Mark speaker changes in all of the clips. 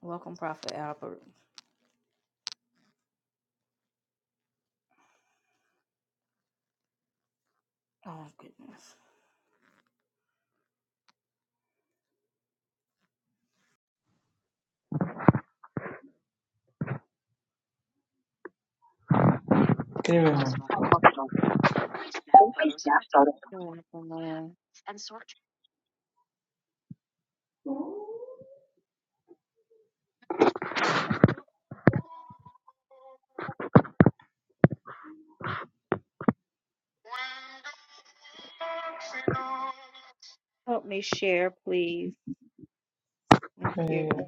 Speaker 1: Welcome, Prophet Albert. Oh, goodness. You're
Speaker 2: Give
Speaker 1: Welcome,
Speaker 2: him.
Speaker 1: man.
Speaker 2: Always
Speaker 1: Help me share, please. Thank
Speaker 2: Yeah.
Speaker 1: you.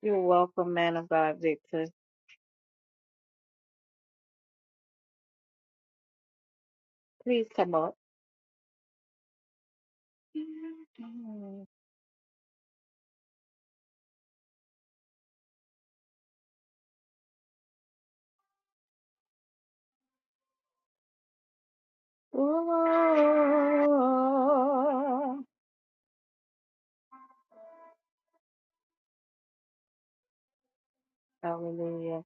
Speaker 1: You're welcome, man of God, Victor. Please come up. Oh, hallelujah.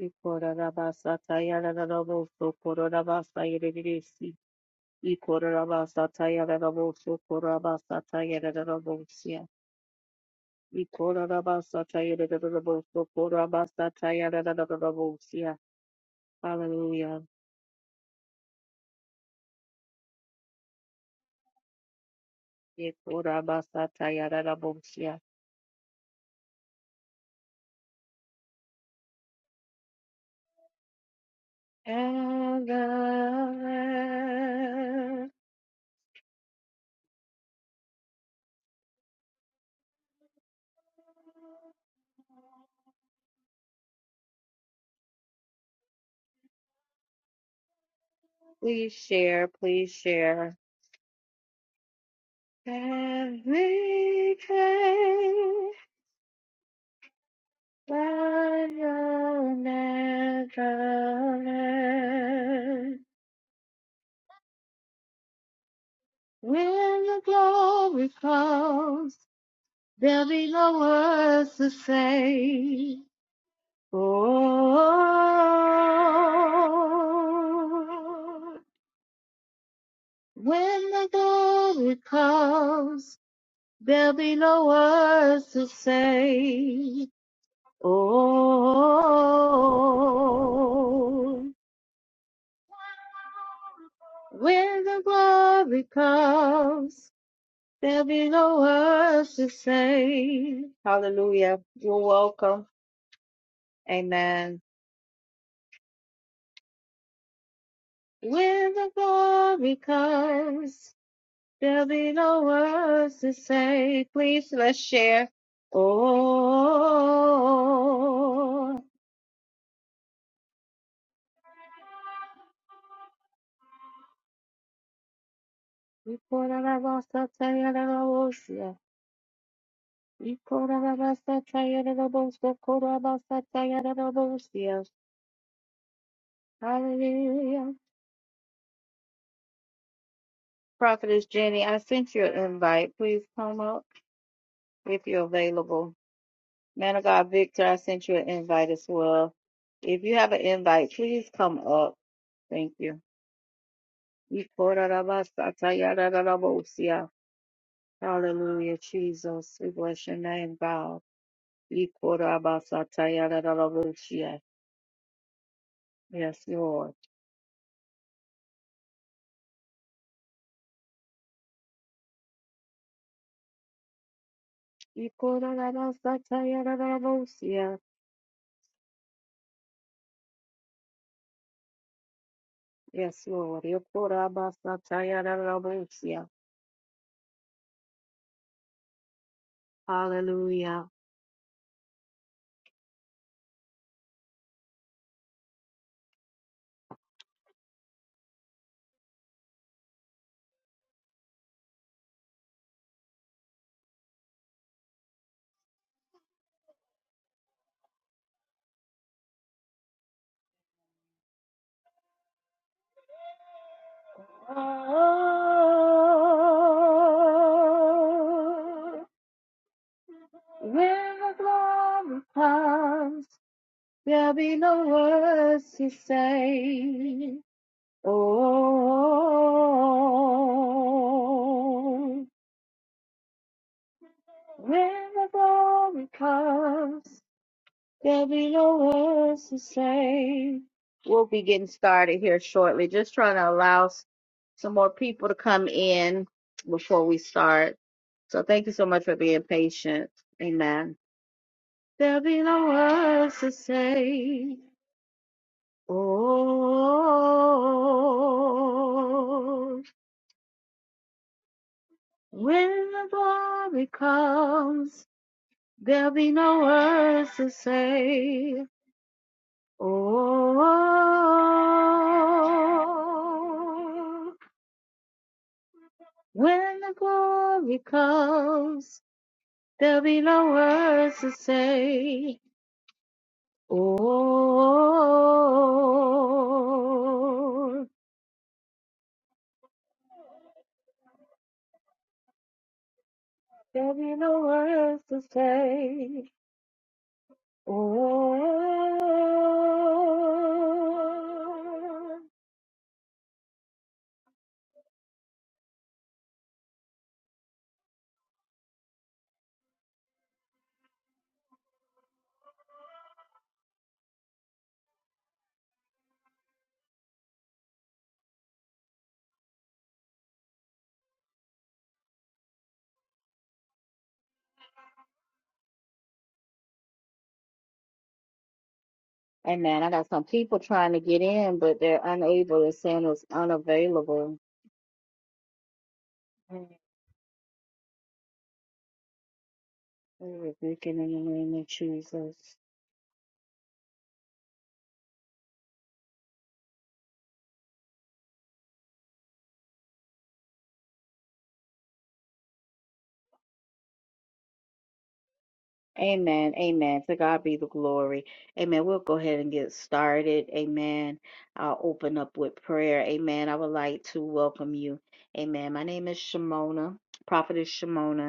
Speaker 1: Ikorarabasatayararaboso, korarabasayerereresi. Ikorarabasatayararaboso, korabasatayararabosia. Ikorarabasatayararaboso, korabasatayararabosia. Hallelujah. Yekurabasata yararabosia. And the please share, please share. And we came by your Nazareth. When the glory comes, there'll be no words to say. Oh. When the glory comes, there'll be no words to say. Oh, when the glory comes, there'll be no words to say. Hallelujah. You're welcome. Amen. When the glory comes, there'll be no words to say. Please let's share. Oh, Ikorarabasatayararabosia. Ikorarabasatayararabosokoroabasatayararabosia. Hallelujah. Prophetess Jenny, I sent you an invite. Please come up if you're available. Man of God Victor, I sent you an invite as well. If you have an invite, please come up. Thank you. Ikorarabasatayararabosia. Hallelujah, Jesus. We bless your name, God. Ikorabasatayararabosia. Yes, Lord. Ikorarabasatayararabosia. Yes, Lord. Ikorabasatayararabosia. Hallelujah. Oh, when the glory comes, there'll be no words to say. Oh, when the glory comes, There'll be no words to say. We'll be getting started here shortly. Just trying to allow s- some more people to come in before we start. So thank you so much for being patient. Amen. There'll be no words to say. Oh, when the glory comes, there'll be no words to say. Oh, when the glory comes, there'll be no words to say. Oh, there'll be no words to say. Oh. Hey man, I got some people trying to get in, but they're unable. It's saying it's unavailable. We rebuke it in the name of Jesus. Amen. Amen. To God be the glory. Amen. We'll go ahead and get started. Amen. I'll open up with prayer. Amen. I would like to welcome you. Amen. My name is Shimona, Prophetess Shimona.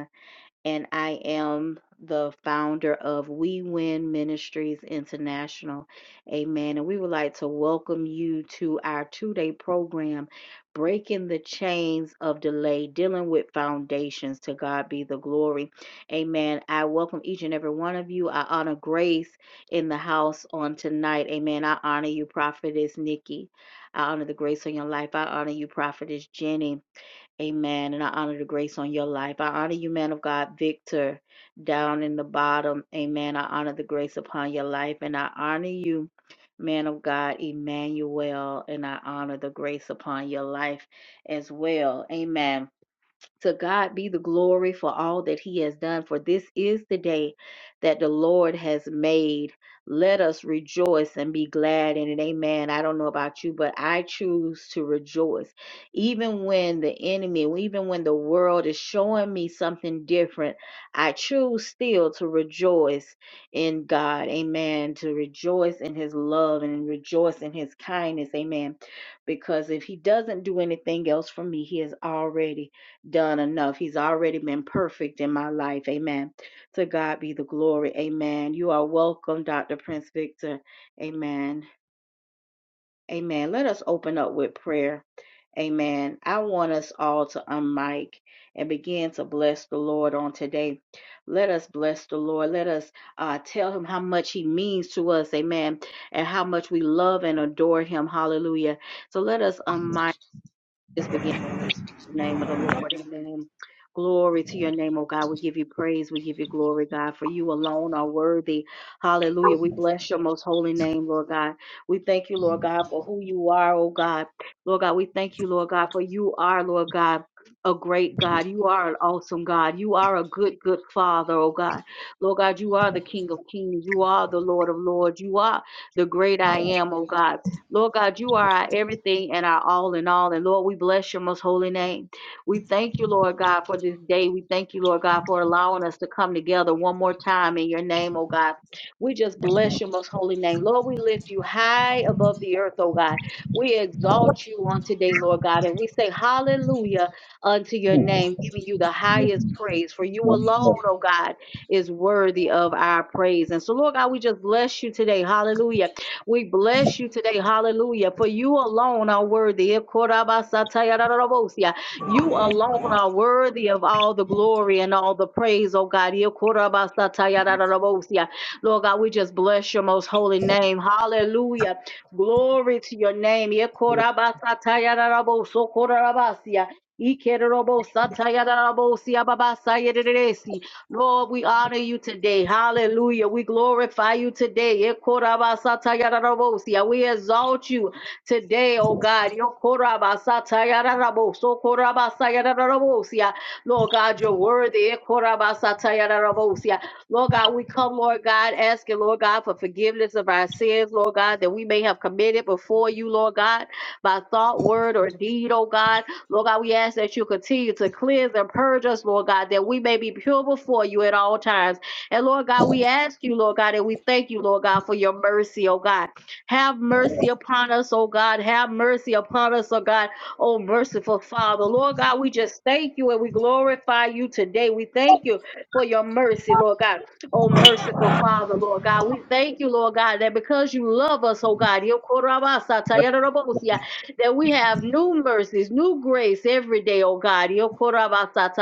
Speaker 1: and I am the founder of We Win Ministries International. Amen. And we would like to welcome you to our two day program, Breaking the Chains of Delay, Dealing with Foundations. To God be the glory. Amen. I welcome each and every one of you. I honor Grace in the house on tonight. Amen. I honor you, Prophetess Nikki. I honor the grace on your life. I honor you, Prophetess Jenny. Amen. And I honor the grace on your life. I honor you, man of God, Victor, down in the bottom. Amen. I honor the grace upon your life. And I honor you, man of God, Emmanuel. And I honor the grace upon your life as well. Amen. To God be the glory for all that he has done, for this is the day that the Lord has made. Let us rejoice and be glad in it. Amen. I don't know about you, but I choose to rejoice. Even when the enemy, even when the world is showing me something different, I choose still to rejoice in God. Amen. To rejoice in his love and rejoice in his kindness. Amen. Because if he doesn't do anything else for me, he has already done enough. He's already been perfect in my life. Amen. To God be the glory. Amen. You are welcome, Dr. Prince Victor. Amen. Amen. Let us open up with prayer. Amen. I want us all to unmic and begin to bless the Lord on today. Let us bless the Lord. Let us uh, tell him how much he means to us. Amen. And how much we love and adore him. Hallelujah. So let us unmic. Just begin the name of the Lord. Amen. Glory to your name, oh God. We give you praise. We give you glory, God, for you alone are worthy. Hallelujah. We bless your most holy name, Lord God. We thank you, Lord God, for who you are, oh God. Lord God, we thank you, Lord God, for you are, Lord God, a great God. You are an awesome God. You are a good, good Father, oh God. Lord God, you are the King of kings. You are the Lord of lords. You are the great I am, oh God. Lord God, you are our everything and our all in all. And Lord, we bless your most holy name. We thank you, Lord God, for this day. We thank you, Lord God, for allowing us to come together one more time in your name, oh God. We just bless your most holy name. Lord, we lift you high above the earth, oh God. We exalt you on today, Lord God. And we say hallelujah unto your
Speaker 3: Glory
Speaker 1: name, giving you the
Speaker 3: be
Speaker 1: highest praise. For you alone, oh God, is worthy of our praise. And so, Lord God, we just bless you today. Hallelujah we bless you today. Hallelujah. For you alone are worthy. You alone are worthy of all the glory and all the praise, oh God. Lord God, we just bless your most holy name. Hallelujah. Glory to your name. Ikorabasatayararabosokorabasia. Ikerobosatayararabosia babasayereresi. Lord, we honor you today. Hallelujah. We glorify you today. Ekorabasatayararabosia. We exalt you today, oh God. Yokorabasatayararaboso, korabasayararabosia. Lord God, you're worthy. Ekorabasatayararabosia. Lord God, we come, Lord God, asking, Lord God, for forgiveness of our sins, Lord God, that we may have committed before you, Lord God, by thought, word, or deed, oh God. Lord God, we ask that you continue to cleanse and purge us, Lord God, that we may be pure before you at all times. And Lord God, we ask you, Lord God, and we thank you, Lord God, for your mercy, oh God. Have mercy upon us, oh God. Have mercy upon us, oh God. Oh, merciful Father. Lord God, we just thank you and we glorify you today. We thank you for your mercy, Lord God. Oh, merciful Father, Lord God. We thank you, Lord God, that because you love us, oh God that we have new mercies, new grace every day, oh God. Yokorabasata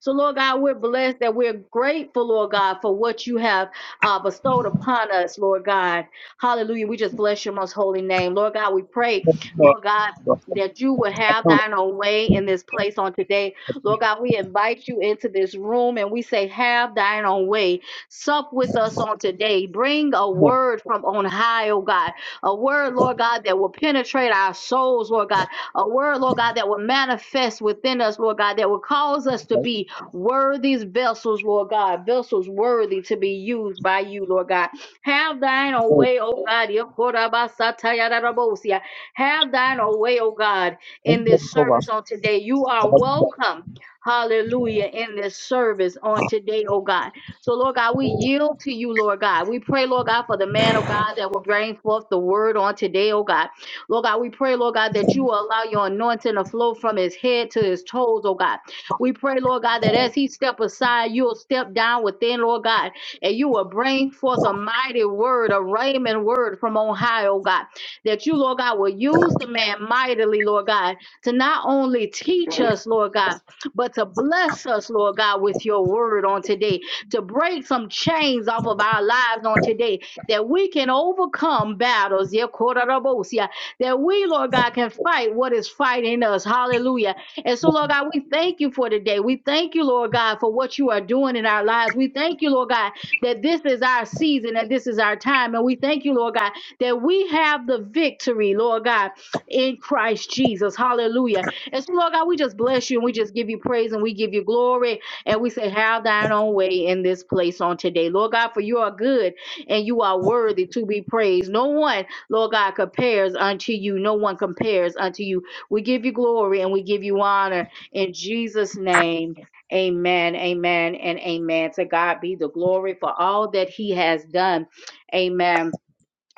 Speaker 1: So, Lord God, we're blessed that we're grateful, Lord God, for what you have uh, bestowed upon us, Lord God. Hallelujah. We just bless your most holy name. Lord God, we pray,
Speaker 3: to God.
Speaker 1: Lord God, that you will have thine own way in this place on today. Lord God, we invite you into this room and we say, Have thine own way. Sup with us on today. Bring a word from on high, oh God a word, Lord God, that will penetrate our souls, Lord God, a word, Lord God, that will manifest within us, Lord God, that will cause us to be worthy vessels, Lord God, vessels worthy to be used by you, Lord God. Have thine own way, O God. Yokorabasatayararabosia. Have thine own way, O God, in this service on today. You are welcome. Hallelujah. In this service on today, oh God. So, Lord God, we yield to you, Lord God. We pray, Lord God, for the man of God that will bring forth the word on today, oh God. Lord God, we pray, Lord God, that you will allow your anointing to flow from his head to his toes, oh God. We pray, Lord God, that as he step aside, you'll step down within, Lord God, and you will bring forth a mighty word, a raiment word from on high, oh God. That you, Lord God, will use the man mightily, Lord God, to not only teach us, Lord God, but to bless us, Lord God, with your word on today to break some chains off of our lives on today, that we can overcome battles, yeah, Kororobosia, that we, Lord God, can fight what is fighting us. Hallelujah. And so, Lord God, we thank you for today. We thank you, Lord God, for what you are doing in our lives. We thank you, Lord God, that this is our season and this is our time. And we thank you, Lord God, that we have the victory, Lord God, in Christ Jesus. Hallelujah. And so, Lord God, we just bless you and we just give you praise and we give you glory. And we say, Have thine own way in this place on today. Lord God, for you are good and you are worthy to be praised. No one, Lord God, compares unto you. No one compares unto you. We give you glory and we give you honor in Jesus' name. Amen, amen, and amen. To God be the glory for all that He has done. Amen.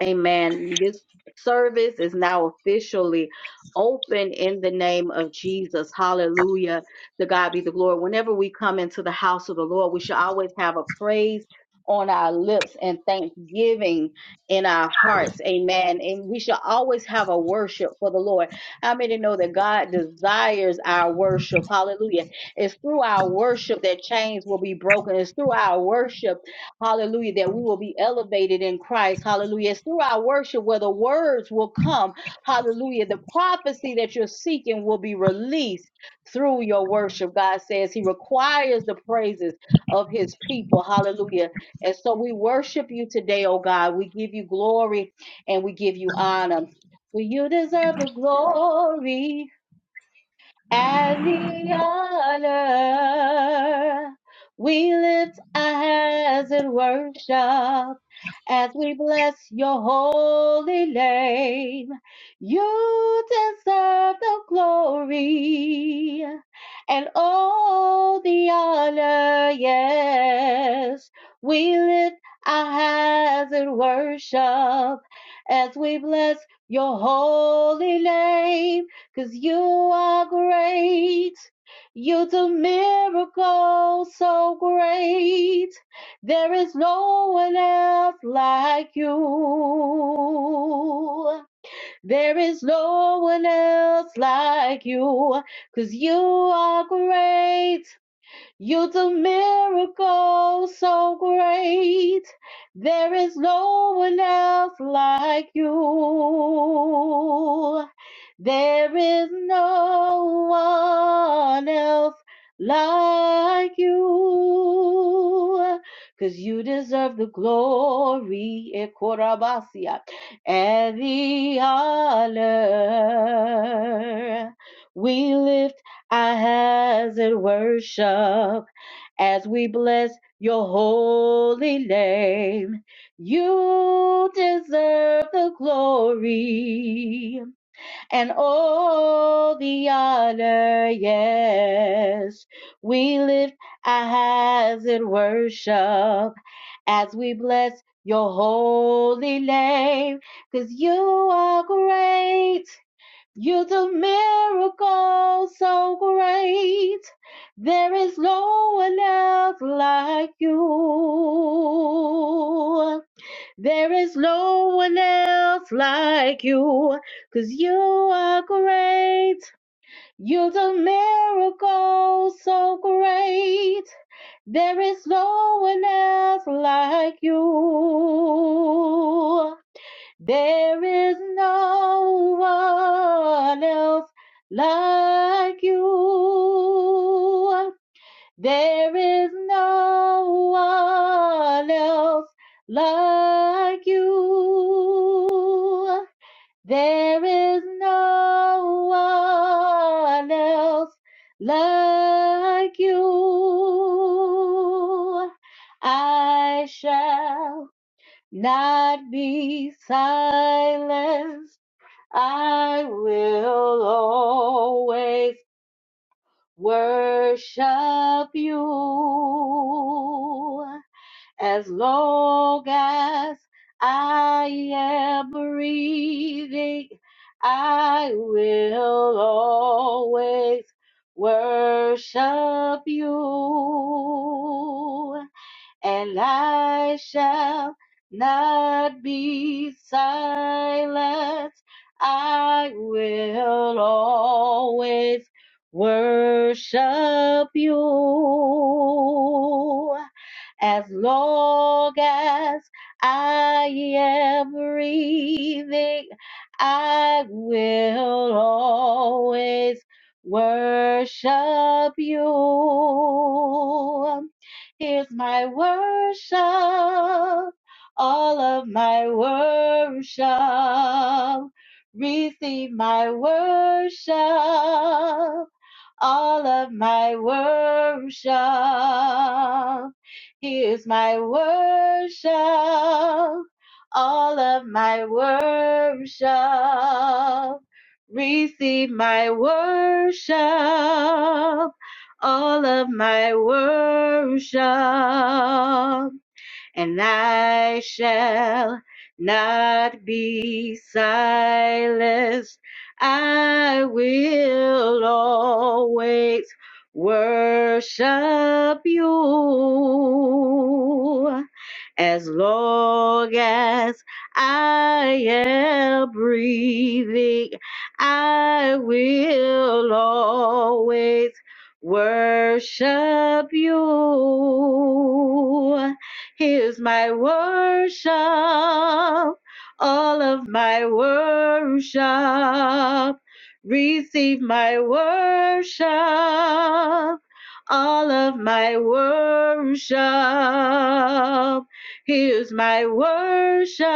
Speaker 1: Amen. This service is now officially open in the name of Jesus. Hallelujah. To God be the glory. Whenever we come into the house of the Lord, we should always have a praise on our lips and thanksgiving in our hearts. Amen. And we should always have a worship for the Lord. How many know that God desires our worship? Hallelujah. It's through our worship that chains will be broken. It's through our worship Hallelujah. That we will be elevated in Christ. Hallelujah. It's through our worship where the words will come. Hallelujah. The prophecy that you're seeking will be released through your worship. God says He requires the praises of His people. Hallelujah. And so we worship you today, oh God. We give you glory and we give you honor. For you deserve the glory and the honor. We lift our hands in worship as we bless your holy name. You deserve the glory and all the honor. Yes, we lift our hands in worship as we bless your holy name. Cause you are great. You do miracles so great. There is no one else like you. There is no one else like you. 'Cause you are great. You do miracles so great. There is no one else like you. There is no one else like you. Because you deserve the glory, Ekorabasia, and the honor. We lift our hands in worship as we bless your holy name. You deserve the glory and all the honor, yes. We lift our hands in worship as we bless your holy name, because you are great. You do miracles so great. There is no one else like you. There is no one else like youbecause you are great. You're the miracle so great. There is no one else like you. There is no one else like you. There is no one else like you. There is no one else like you. I shall not be silenced. I will always worship you as long as I am breathing. I will always worship you and I shall not be silent. I will always worship you as long as I am breathing. I will always worship you Here's my worship, all of my worship. Receive my worship, all of my worship. Here's my worship, all of my worship. Receive my worship, all of my worship and I shall not be silenced. I will always worship you as long as I am breathing, I will always worship you. Here's my worship, all of my worship. Receive my worship, all of my worship. Here's my worship,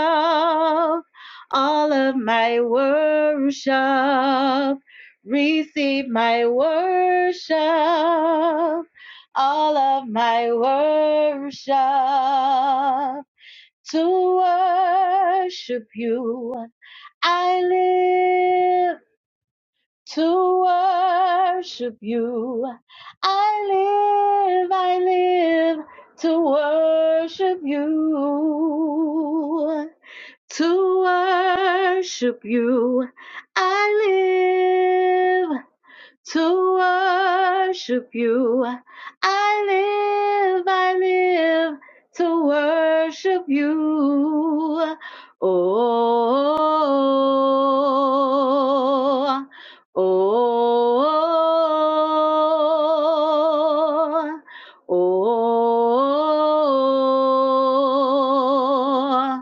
Speaker 1: all of my worship. Receive my worship, all of my worship. To worship you, I live to worship you. I live, I live to worship you. To worship you, I live to worship you. I live, I live to worship you. Oh, oh, oh, oh.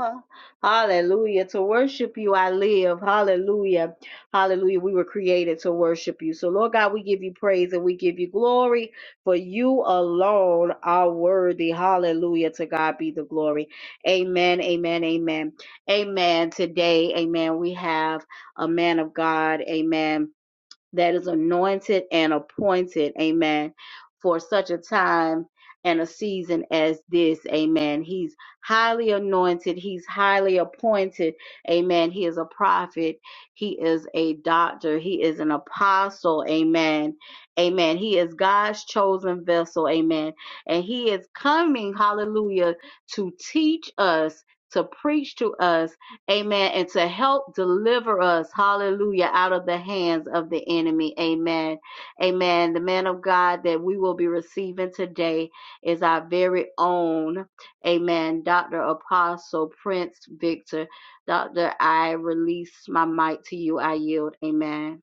Speaker 1: oh, Hallelujah. To worship you, I live. Hallelujah. Hallelujah. We were created to worship you. So, Lord God, we give you praise and we give you glory, for you alone are worthy. Hallelujah. To God be the glory. Amen. Amen. Amen. Amen. Today, amen, we have a man of God. Amen that is anointed and appointed, amen, for such a time and a season as this, amen. He's highly anointed, he's highly appointed, amen. He is a prophet, he is a doctor, he is an apostle, amen, amen. He is God's chosen vessel, amen, and he is coming, hallelujah, to teach us. To preach to us Amen. And to help deliver us, hallelujah, out of the hands of the enemy. Amen. Amen. The man of God that we will be receiving today is our very own, amen, Dr. Apostle Prince Victor. Dr. I release my mic to you. I yield. Amen.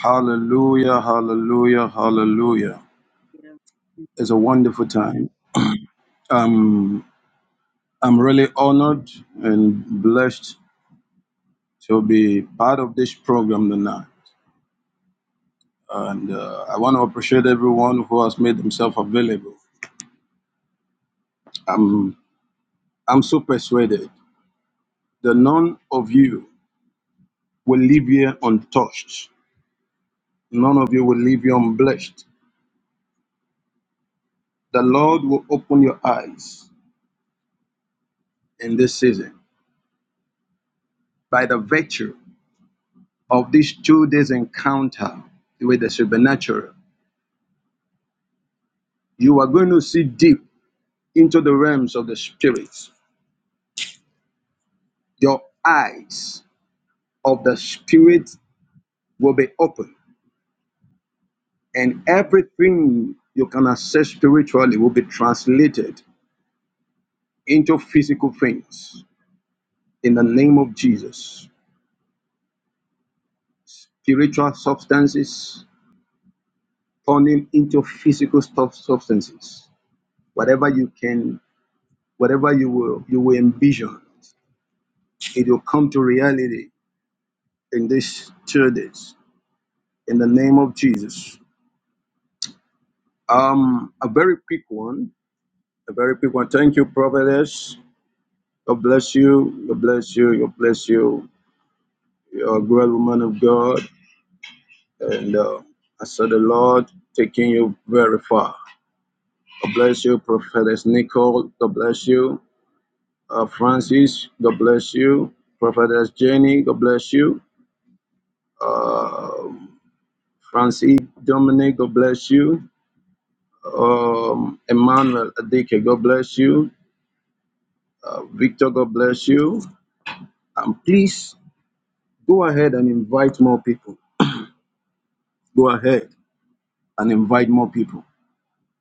Speaker 3: Hallelujah, hallelujah, hallelujah. It's a wonderful time. Um, I'm really honored and blessed to be part of this program tonight. And uh, I want to appreciate everyone who has made themselves available. I'm, I'm so persuaded that none of you will leave here untouched None of you will leave you unblessed. The Lord will open your eyes in this season by the virtue of these two days encounter with the supernatural. You are going to see deep into the realms of the spirits. Your eyes of the spirit will be open, and everything you can access spiritually will be translated into physical things in the name of Jesus. Spiritual substances turning into physical stuff substances. Whatever you can, whatever you will you will envision, it will come to reality in these two days. In the name of Jesus. Um, a very quick one. A very quick one. Thank you, prophetess. God bless you. God bless you. God bless you. You're a great woman of God. And uh, I saw the Lord taking you very far. God bless you, Prophetess Nicole. God bless you. Uh, Francis, God bless you. Prophetess Jenny, God bless you. Uh, Francis Dominic, God bless you. Um, Emmanuel Adike, God bless you. Uh, Victor, God bless you. And please go ahead and invite more people. Go ahead and invite more people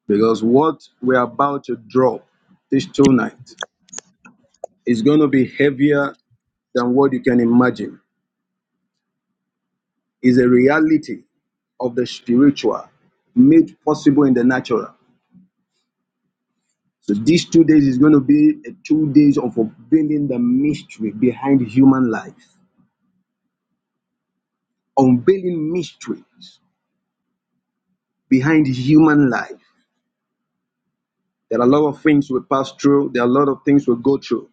Speaker 3: because what we're about to drop this tonight is going to be heavier than what you can imagine. is a reality of the spiritual made possible in the natural. So these two days is going to be a two days of unveiling the mystery behind human life, unveiling mysteries behind human life. There are a lot of things we pass through. There are a lot of things we go through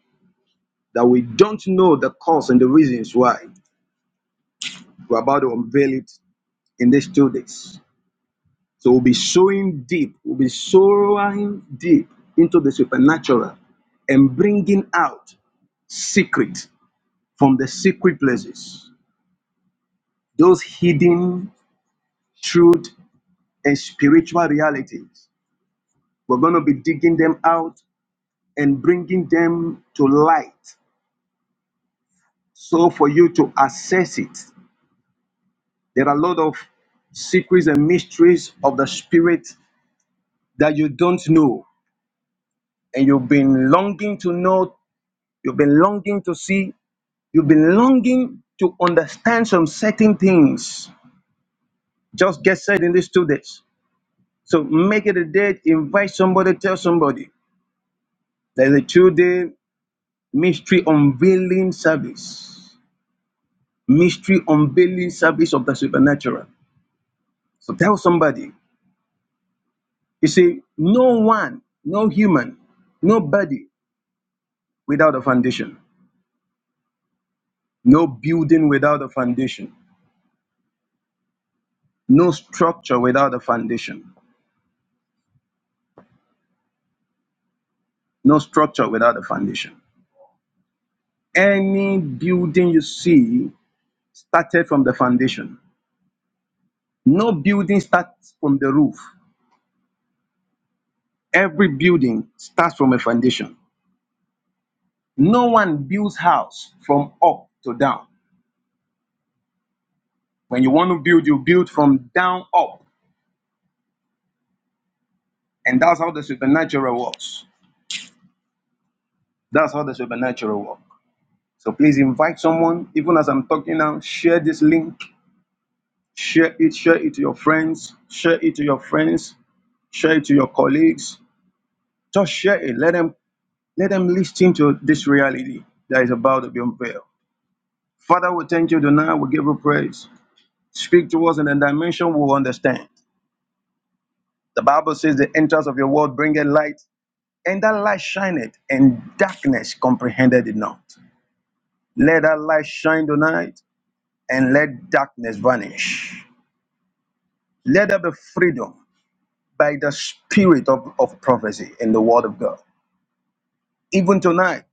Speaker 3: that we don't know the cause and the reasons why. We're about to unveil it in these two days. So we'll be sowing deep, we'll be sowing deep into the supernatural and bringing out secret from the secret places, those hidden truth and spiritual realities. We're going to be digging them out and bringing them to light. So, for you to access it, there are a lot of secrets and mysteries of the spirit that you don't know, and you've been longing to know, you've been longing to see, you've been longing to understand some certain things. Just get said in these two days So make it a date, invite somebody, tell somebody. There's a two day mystery unveiling service, mystery unveiling service of the supernatural. So tell somebody. You see, no one, no human, nobody without a foundation, no building without a foundation, no structure without a foundation, no structure without a foundation. Any building you see started from the foundation. No building starts from the roof. Every building starts from a foundation. No one builds house from up to down. When you want to build, you build from down up. And that's how the supernatural works. That's how the supernatural works. So please invite someone, even as I'm talking now, share this link, share it, share it to your friends, share it to your friends, share it to your colleagues. Just share it. Let them let them listen to this reality that is about to be unveiled. Father, we thank you tonight. We give you praise. Speak to us in a dimension we will understand. The Bible says, The entrance of your word bringeth light, and that light shineth, and darkness comprehended it not. Let that light shine tonight, and let darkness vanish. Let there be freedom by the spirit of, of prophecy in the word of God. Even tonight,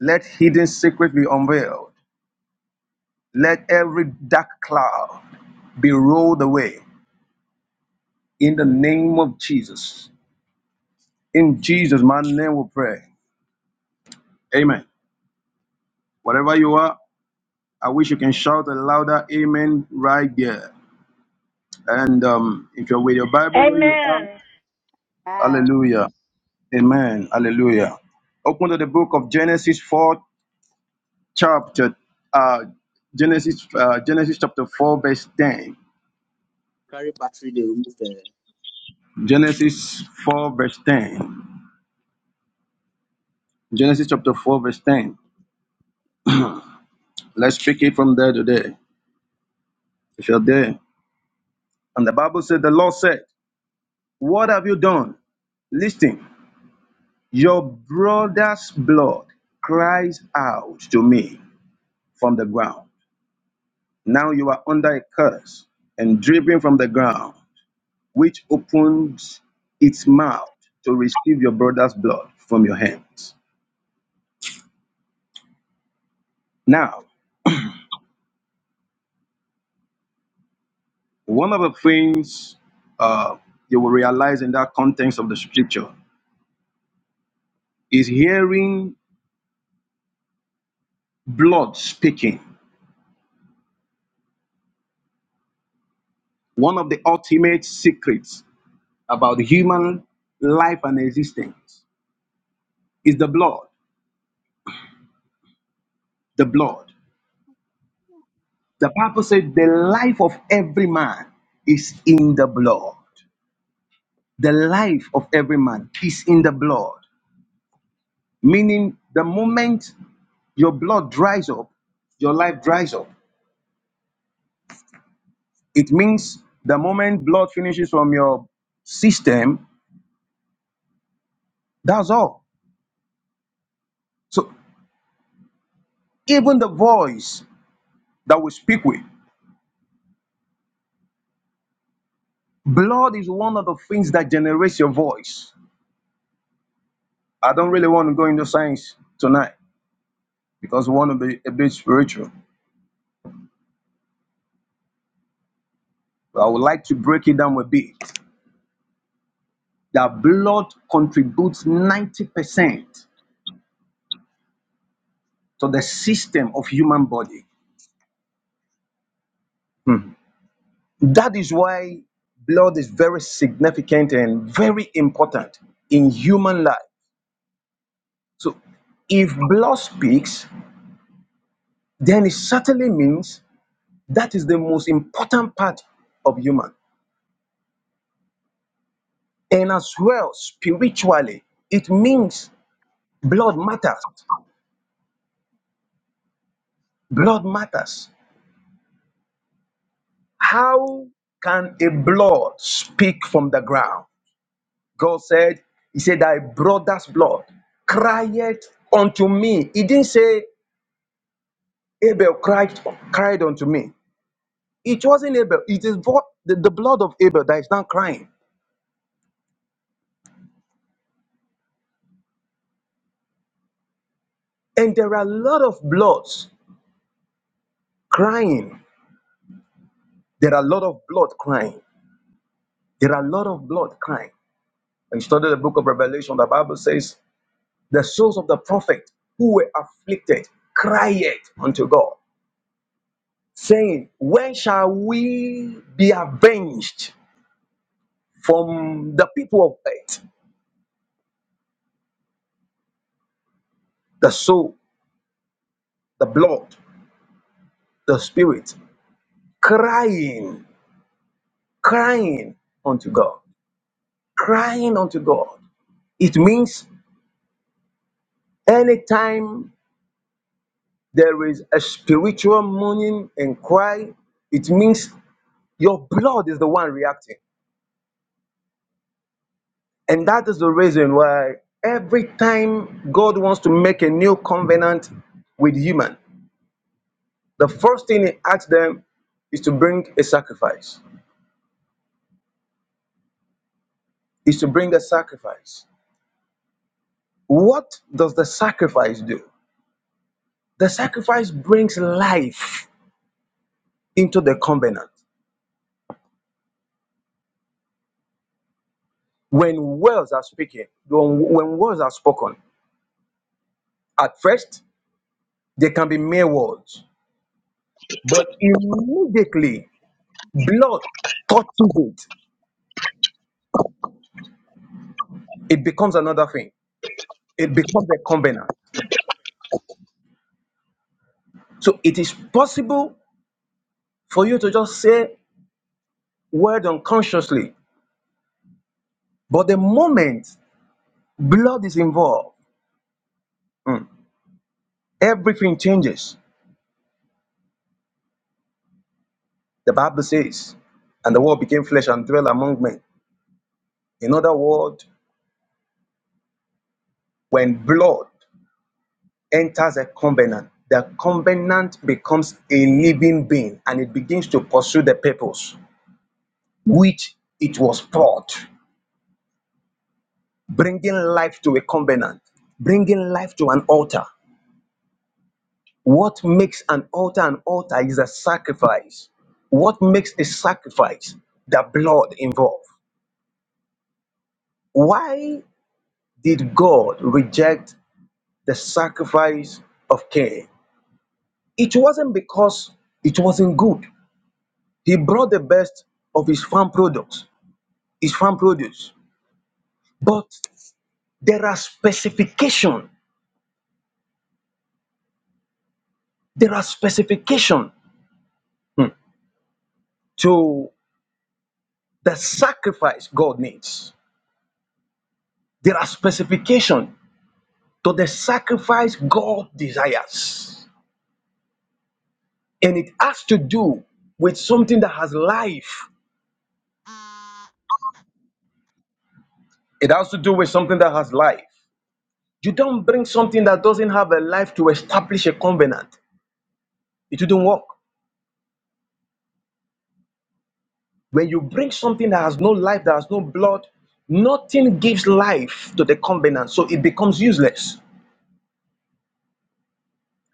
Speaker 3: let hidden secret be unveiled. Let every dark cloud be rolled away in the name of Jesus. In Jesus' mighty name we pray. Amen. Whatever you are, I wish you can shout a louder amen right there. And um, if you're with your Bible where you are,
Speaker 4: Amen.
Speaker 3: hallelujah. Amen. Hallelujah. Open to the book of Genesis 4, chapter, uh, Genesis, uh, Genesis chapter 4, verse 10.
Speaker 5: Carry battery They remove the
Speaker 3: Genesis 4, verse 10. Genesis chapter 4, verse 10. Let's pick it from there today. If you're there. And the Bible said, The Lord said, What have you done? Listen. Your brother's blood cries out to me from the ground. Now you are under a curse and driven from the ground, which opens its mouth to receive your brother's blood from your hands. Now, one of the things uh, you will realize in that context of the scripture is hearing blood speaking. One of the ultimate secrets about human life and existence is the blood, the blood. The Bible said the life of every man is in the blood. The life of every man is in the blood. Meaning, the moment your blood dries up, your life dries up. It means the moment blood finishes from your system, that's all. So, even the voice that we speak with, blood is one of the things that generates your voice. I don't really want to go into science tonight because we want to be a bit spiritual. But I would like to break it down a bit. that blood contributes 90% to the system of human body. Mhm. That is why blood is very significant and very important in human life. So if blood speaks, then it certainly means that is the most important part of human. And as well, spiritually, it means blood matters. Blood matters. How can a blood speak from the ground? God said, He said, Thy brother's blood cried unto me. He didn't say Abel cried, cried unto me. It wasn't Abel. It is vo- the, the blood of Abel that is not crying. And there are a lot of bloods crying. There are a lot of blood crying. There are a lot of blood crying. When you study the book of Revelation, the Bible says, The souls of the prophet who were afflicted cried unto God, saying, When shall we be avenged? from the people of earth, the soul, the blood, the spirit, crying, crying unto God, crying unto God. It means anytime there is a spiritual mourning and cry, it means your blood is the one reacting. And that is the reason why every time God wants to make a new covenant with human, the first thing he asks them is to bring a sacrifice. Is to bring a sacrifice What does the sacrifice do? The sacrifice brings life into the covenant. When words are speaking, when when words are spoken, at first they can be mere words, but immediately blood touches it, it becomes another thing. It becomes a covenant. So it is possible for you to just say word unconsciously, but the moment blood is involved, mm, everything changes The Bible says, and the word became flesh and dwelt among men. In other words, when blood enters a covenant, the covenant becomes a living being and it begins to pursue the purpose which it was poured, bringing life to a covenant, bringing life to an altar. What makes an altar an altar is a sacrifice. What makes a sacrifice? The blood involved. Why did God reject the sacrifice of Cain. It wasn't because it wasn't good. He brought the best of his farm products, his farm produce. But there are specification. There are specification hmm, to the sacrifice God needs. There are specification to the sacrifice God desires, and it has to do with something that has life. It has to do with something that has life. You don't bring something that doesn't have a life to establish a covenant. It wouldn't work. When you bring something that has no life, that has no blood, nothing gives life to the covenant, so it becomes useless.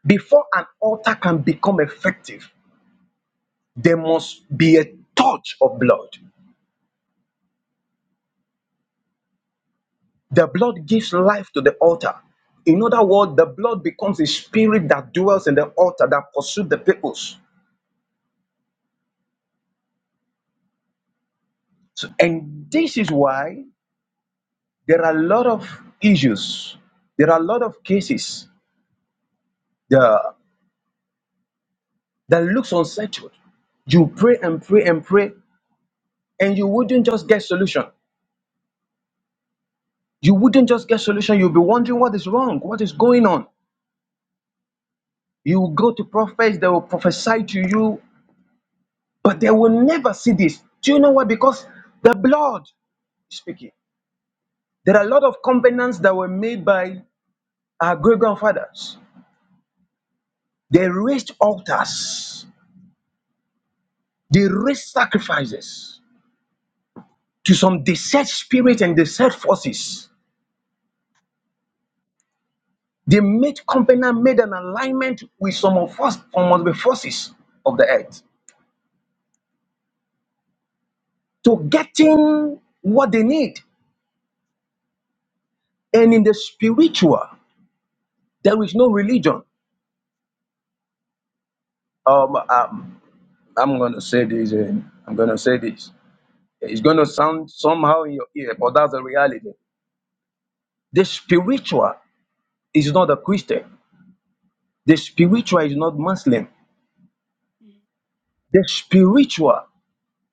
Speaker 3: Before an altar can become effective, there must be a touch of blood. The blood gives life to the altar. In other words, the blood becomes a spirit that dwells in the altar that pursues the peoples. So- and this is why there are a lot of issues there are a lot of cases the, that looks unsettled you pray and pray and pray and you wouldn't just get solution you wouldn't just get solution you'll be wondering what is wrong what is going on you will go to prophets they will prophesy to you but they will never see this do you know why because the blood is speaking there are a lot of covenants that were made by our great grandfathers they raised altars they raised sacrifices to some desert spirit and desert forces. They made covenant, made an alignment with some of us, some of the forces of the earth to getting what they need. And in the spiritual, there is no religion. Um, um, I'm gonna say this. And I'm gonna say this. It's gonna sound somehow in your ear, but that's the reality. The spiritual is not a Christian. The spiritual is not Muslim. The spiritual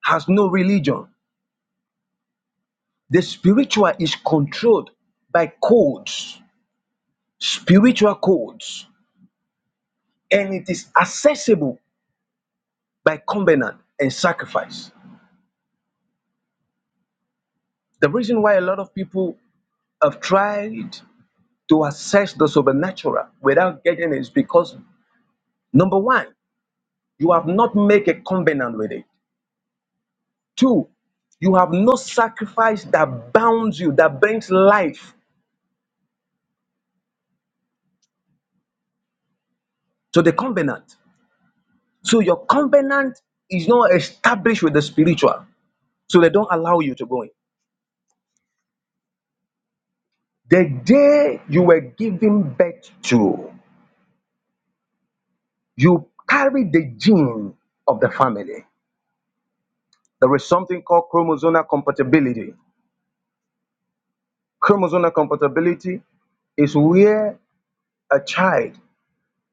Speaker 3: has no religion The spiritual is controlled by codes, spiritual codes, and it is accessible by covenant and sacrifice. The reason why a lot of people have tried to access the supernatural without getting it is because number one, you have not made a covenant with it. Two, you have no sacrifice that bounds you, that brings life to the covenant. So your covenant is not established with the spiritual. So they don't allow you to go in. The day you were given birth to, you carry the gene of the family. There is something called chromosomal compatibility. Chromosomal compatibility is where a child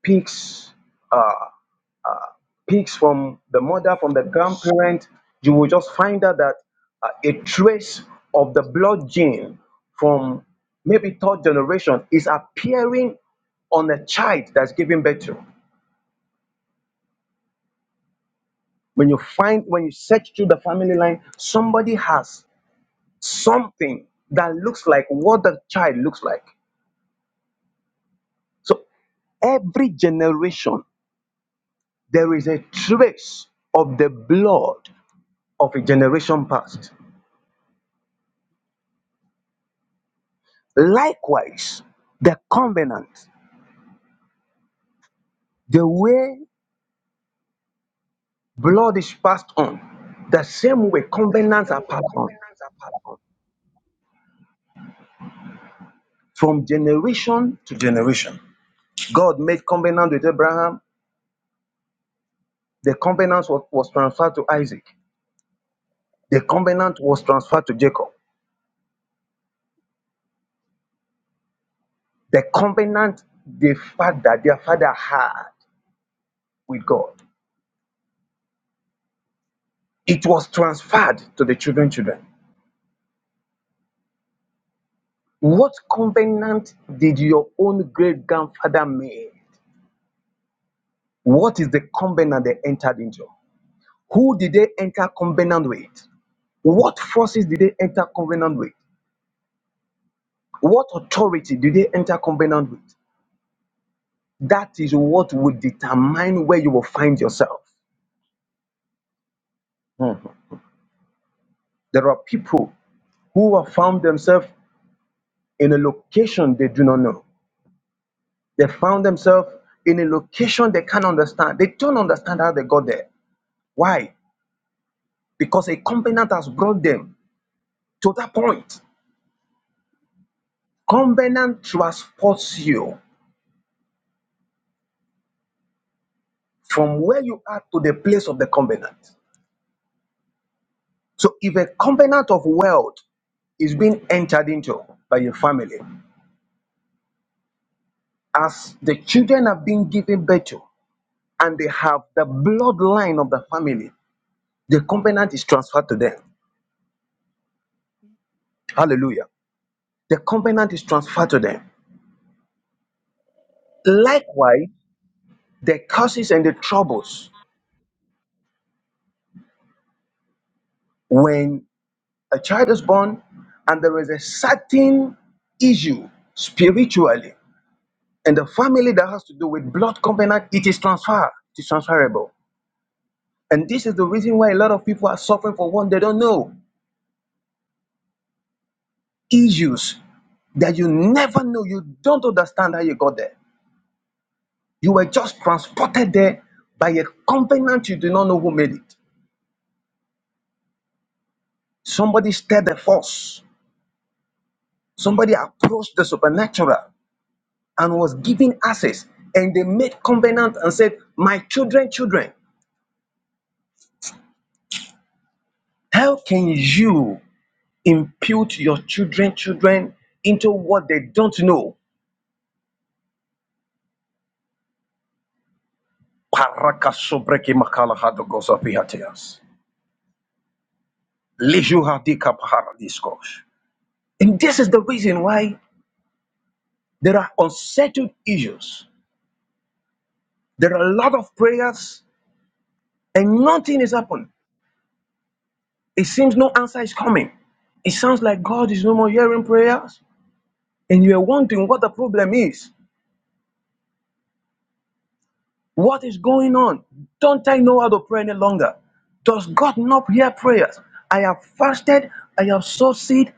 Speaker 3: picks uh, picks from the mother, from the grandparent. You will just find out that uh, a trace of the blood gene from maybe third generation is appearing on a child that's giving birth to. When you find, when you search through the family line, somebody has something that looks like what the child looks like. So every generation, there is a trace of the blood of a generation past. Likewise, the covenant, the way blood is passed on, the same way
Speaker 6: The
Speaker 3: covenants
Speaker 6: same
Speaker 3: are
Speaker 6: way
Speaker 3: passed on
Speaker 6: covenants are powerful.
Speaker 3: from generation to generation. God made covenant with Abraham, the covenant was, was transferred to Isaac. The covenant was transferred to Jacob. The covenant the father, their father had with God, it was transferred to the children, children. What covenant did your own great grandfather make? What is the covenant they entered into? Who did they enter covenant with? What forces did they enter covenant with? What authority did they enter covenant with? That is what will determine where you will find yourself. Mhm. There are people who have found themselves in a location they do not know. They found themselves in a location they can't understand. They don't understand how they got there. Why? Because a covenant has brought them to that point. Covenant transports you from where you are to the place of the covenant. So if a covenant of wealth is being entered into by your family, as the children have been given birth to, and they have the bloodline of the family, the covenant is transferred to them. Hallelujah. the covenant is transferred to them. Likewise, the curses and the troubles when a child is born and there is a certain issue spiritually in the family that has to do with blood covenant, it is transferred, it is transferable. And this is the reason why a lot of people are suffering for one they don't know issues that you never know, you don't understand how you got there. You were just transported there by a covenant you do not know who made it. Somebody stirred the force Somebody approached the supernatural and was given access, and they made covenant and said, My children, children, how can you impute your children, children into what they don't know? Parakasobrekimakalahadogosapihatias. Lijuhadikapaharadiskosh. And this is the reason why there are unsettled issues. There are a lot of prayers, and nothing is happening. It seems no answer is coming. It sounds like God is no more hearing prayers. and you are wondering what the problem is, what is going on? Don't I know how to pray any longer? Does God not hear prayers? I have fasted, I have sowed seed.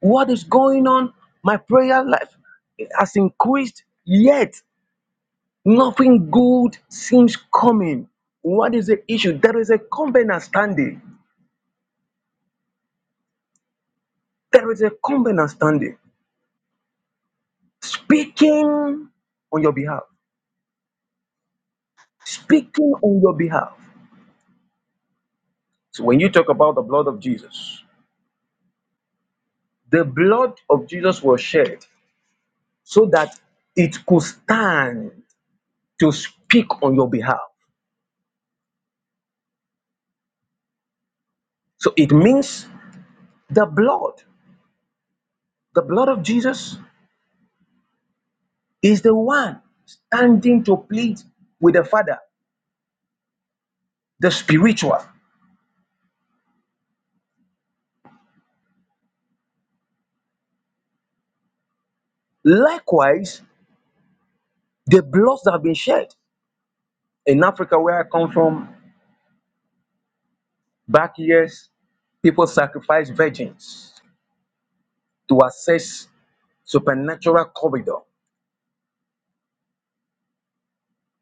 Speaker 3: What is going on? My prayer life has increased, yet nothing good seems coming. What is the issue? There is a covenant standing. There is a covenant standing. Speaking on your behalf. Speaking on your behalf. So when you talk about the blood of Jesus, The blood of Jesus was shed so that it could stand to speak on your behalf. So it means the blood, the blood of Jesus is the one standing to plead with the Father, the spiritual. Likewise, the blood that have been shed in Africa, where I come from, back years, people sacrifice virgins to access supernatural corridor.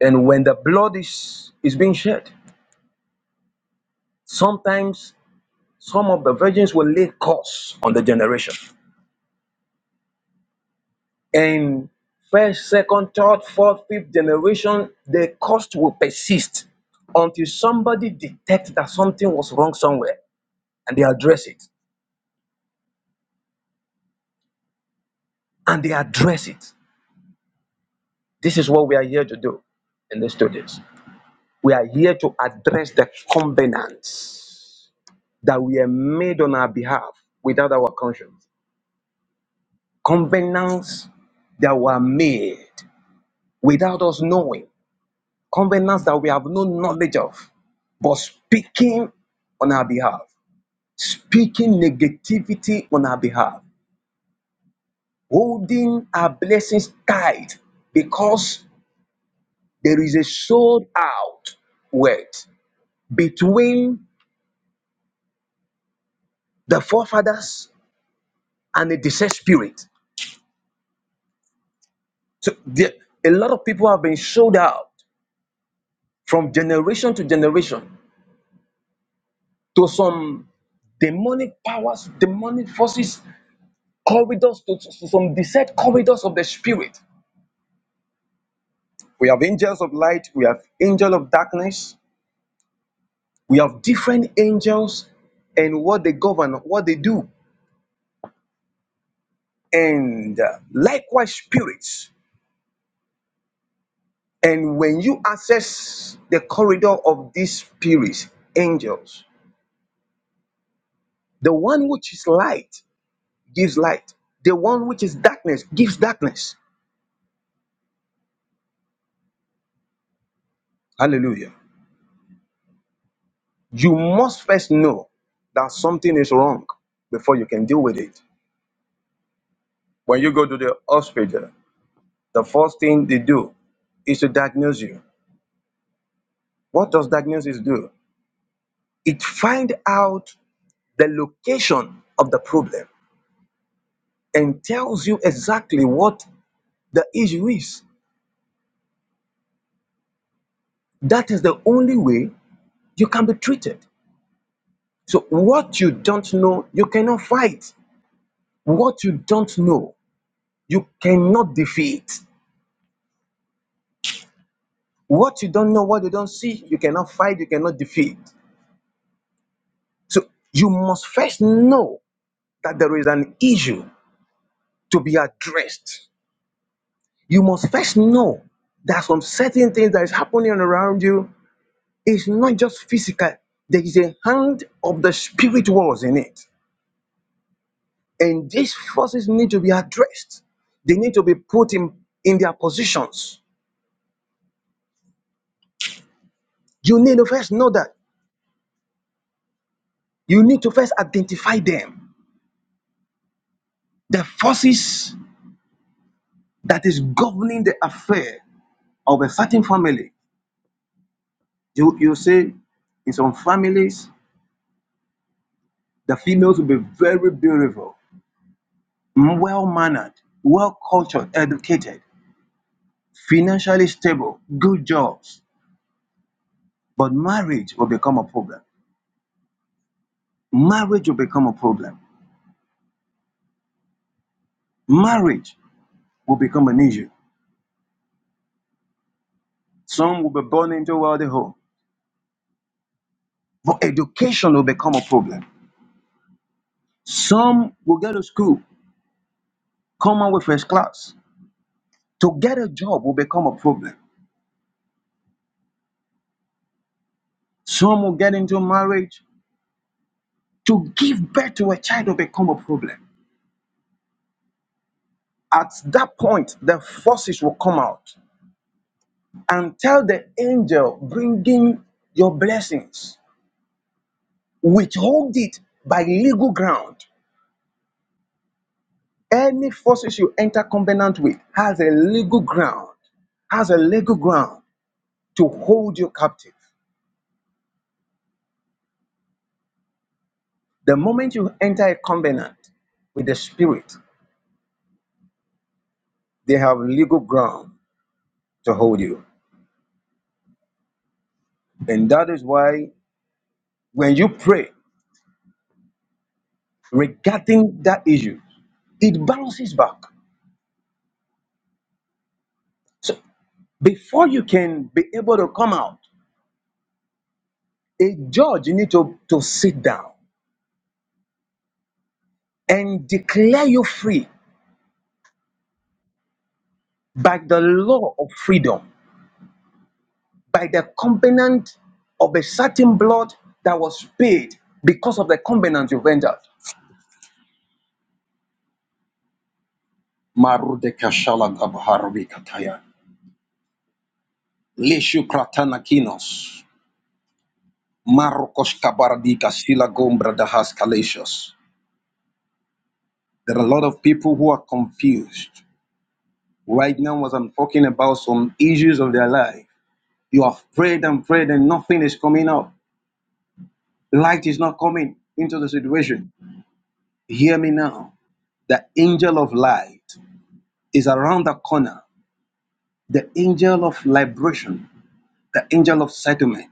Speaker 3: And when the blood is, is being shed, sometimes Some of the virgins will lay curse on the generation. In first, second, third, fourth, fifth generation, the cost will persist until somebody detects that something was wrong somewhere and they address it. And they address it. This is what we are here to do in the studies. We are here to address the covenants that we are made on our behalf without our conscience. Covenants that were made without us knowing. covenants that we have no knowledge of, but speaking on our behalf, speaking negativity on our behalf, holding our blessings tight because there is a sold out word between the forefathers and the deceased spirit. So there, a lot of people have been sold out from generation to generation to some demonic powers, demonic forces corridors to, to some desert corridors of the spirit. We have angels of light, we have angel of darkness, we have different angels and what they govern, what they do, and uh, likewise spirits. And when you access the corridor of these spirits, angels, the one which is light gives light, the one which is darkness gives darkness. Hallelujah. You must first know that something is wrong before you can deal with it. When you go to the hospital, the first thing they do is to diagnose you. What does diagnosis do? It finds out the location of the problem and tells you exactly what the issue is. That is the only way you can be treated. So what you don't know, you cannot fight. What you don't know, you cannot defeat. What you don't know, what you don't see, you cannot fight, you cannot defeat. So you must first know that there is an issue to be addressed, you must first know that some certain things that is happening around you is not just physical. There is a hand of the spirit worlds in it. And these forces need to be addressed. They need to be put in, in their positions. You need to first know that. You need to first identify them. The forces that is governing the affair of a certain family. You, you see, in some families, the females will be very beautiful well mannered, well cultured, educated, financially stable, good jobs. But marriage will become a problem. Marriage will become a problem. Marriage will become an issue. Some will be born into a wealthy home, but education will become a problem. Some will go to school, come out with first class. To get a job will become a problem. Some will get into marriage. To give birth to a child will become a problem. At that point, the forces will come out and tell the angel bringing your blessings, withhold it by legal ground. Any forces you enter covenant with has a legal ground, has a legal ground to hold you captive. The moment you enter a covenant with the spirit, they have legal ground to hold you. And that is why when you pray regarding that issue, it bounces back. So before you can be able to come out, a judge needs to, to sit down and declare you free by the law of freedom, by the covenant of a certain blood that was paid because of the covenant you've entered. Marude kashala gabharvi kataya. Leshu kratana kinos. Marukos kabardika sila gombra dahas kalashos. There are a lot of people who are confused. Right now, as I'm talking about some issues of their life, you have prayed and prayed and nothing is coming up. Light is not coming into the situation. Hear me now. The angel of light is around the corner. The angel of liberation, the angel of settlement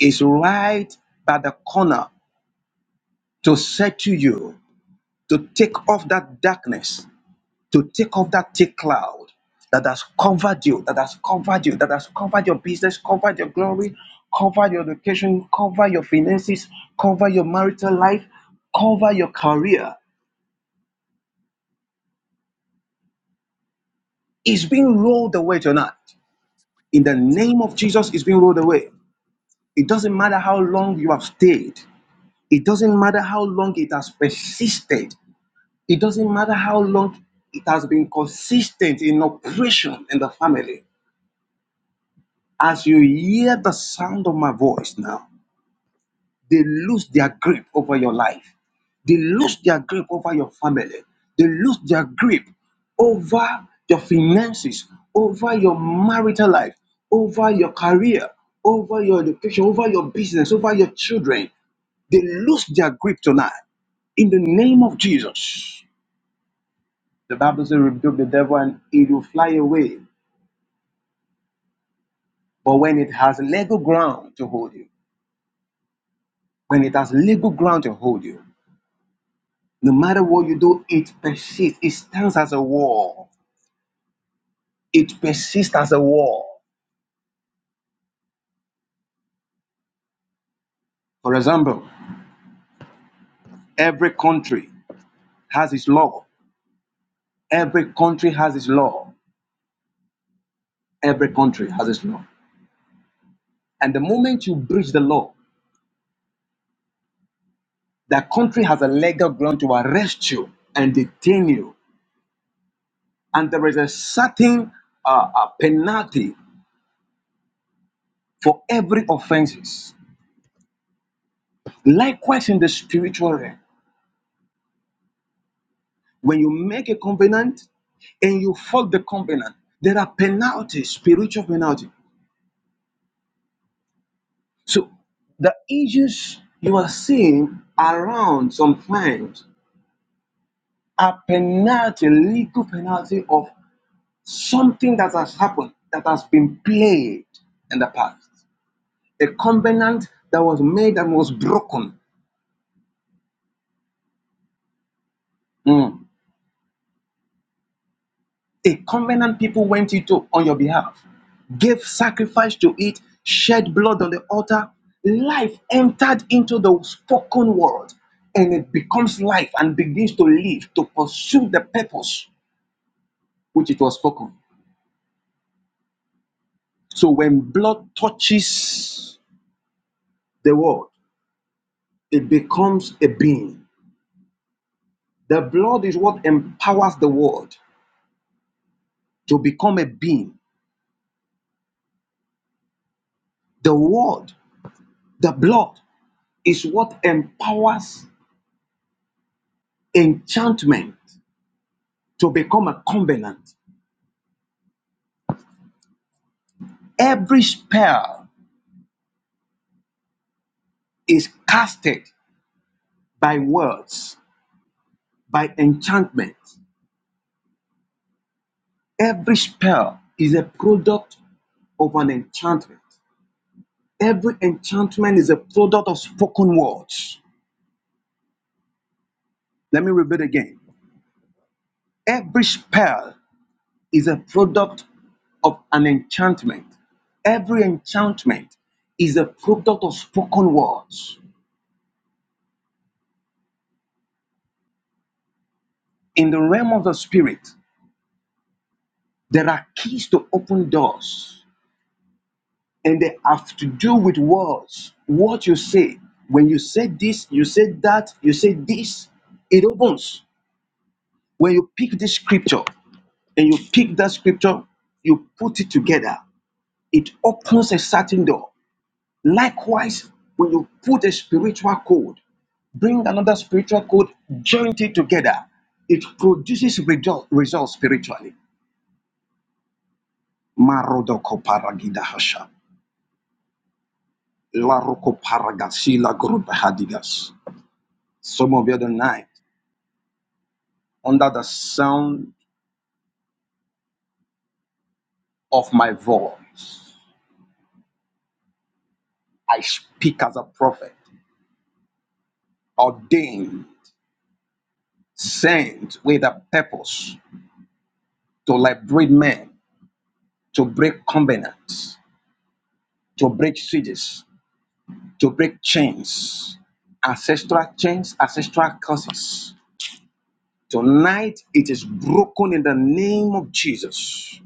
Speaker 3: is right by the corner to settle you, to take off that darkness, to take off that thick cloud that has covered you, that has covered you, that has covered your business, covered your glory, covered your education, cover your finances, cover your marital life, cover your career. It's being rolled away tonight. In the name of Jesus, it's being rolled away. It doesn't matter how long you have stayed, it doesn't matter how long it has persisted, it doesn't matter how long it has been consistent in oppression in the family. As you hear the sound of my voice now, they lose their grip over your life. They lose their grip over your family. They lose their grip over your finances, over your marital life, over your career, over your education, over your business, over your children. They lose their grip tonight. In the name of Jesus. The Bible says, rebuke the devil and he will fly away. But when it has legal ground to hold you, when it has legal ground to hold you, No matter what you do, it persists. It stands as a wall. It persists as a wall. For example, every country has its law. Every country has its law. Every country has its law. And the moment you breach the law, the country has a legal ground to arrest you and detain you. And there is a certain uh, uh, penalty for every offenses. Likewise, in the spiritual realm, When you make a covenant and you fault the covenant, there are penalties, spiritual penalty. So the issues you are seeing around sometimes are penalty, legal penalty of something that has happened, that has been played in the past. A covenant that was made and was broken. Mm. A covenant people went into on your behalf, gave sacrifice to it, shed blood on the altar. Life entered into the spoken word and it becomes life and begins to live to pursue the purpose which it was spoken. So when blood touches the word, it becomes a being. The blood is what empowers the word to become a being. The word, the blood, is what empowers enchantment. to become a covenant. Every spell is casted by words, by enchantment. Every spell is a product of an enchantment. Every enchantment is a product of spoken words. Let me repeat again. Every spell is a product of an enchantment. Every enchantment is a product of spoken words. In the realm of the spirit, there are keys to open doors and they have to do with words. What you say, when you say this, you say that, you say this, it opens. When you pick this scripture and you pick that scripture, you put it together, it opens a certain door. Likewise, when you put a spiritual code, bring another spiritual code, join it together, it produces result, results spiritually. Marodoko paragida hasha. Laroko paragasila hadigas. Some of you don't know. under the sound of my voice, I speak as a prophet, ordained, sent with a purpose to liberate men, to break covenants, to break cities, to break chains, ancestral chains, ancestral curses. Tonight it is broken in the name of Jesus.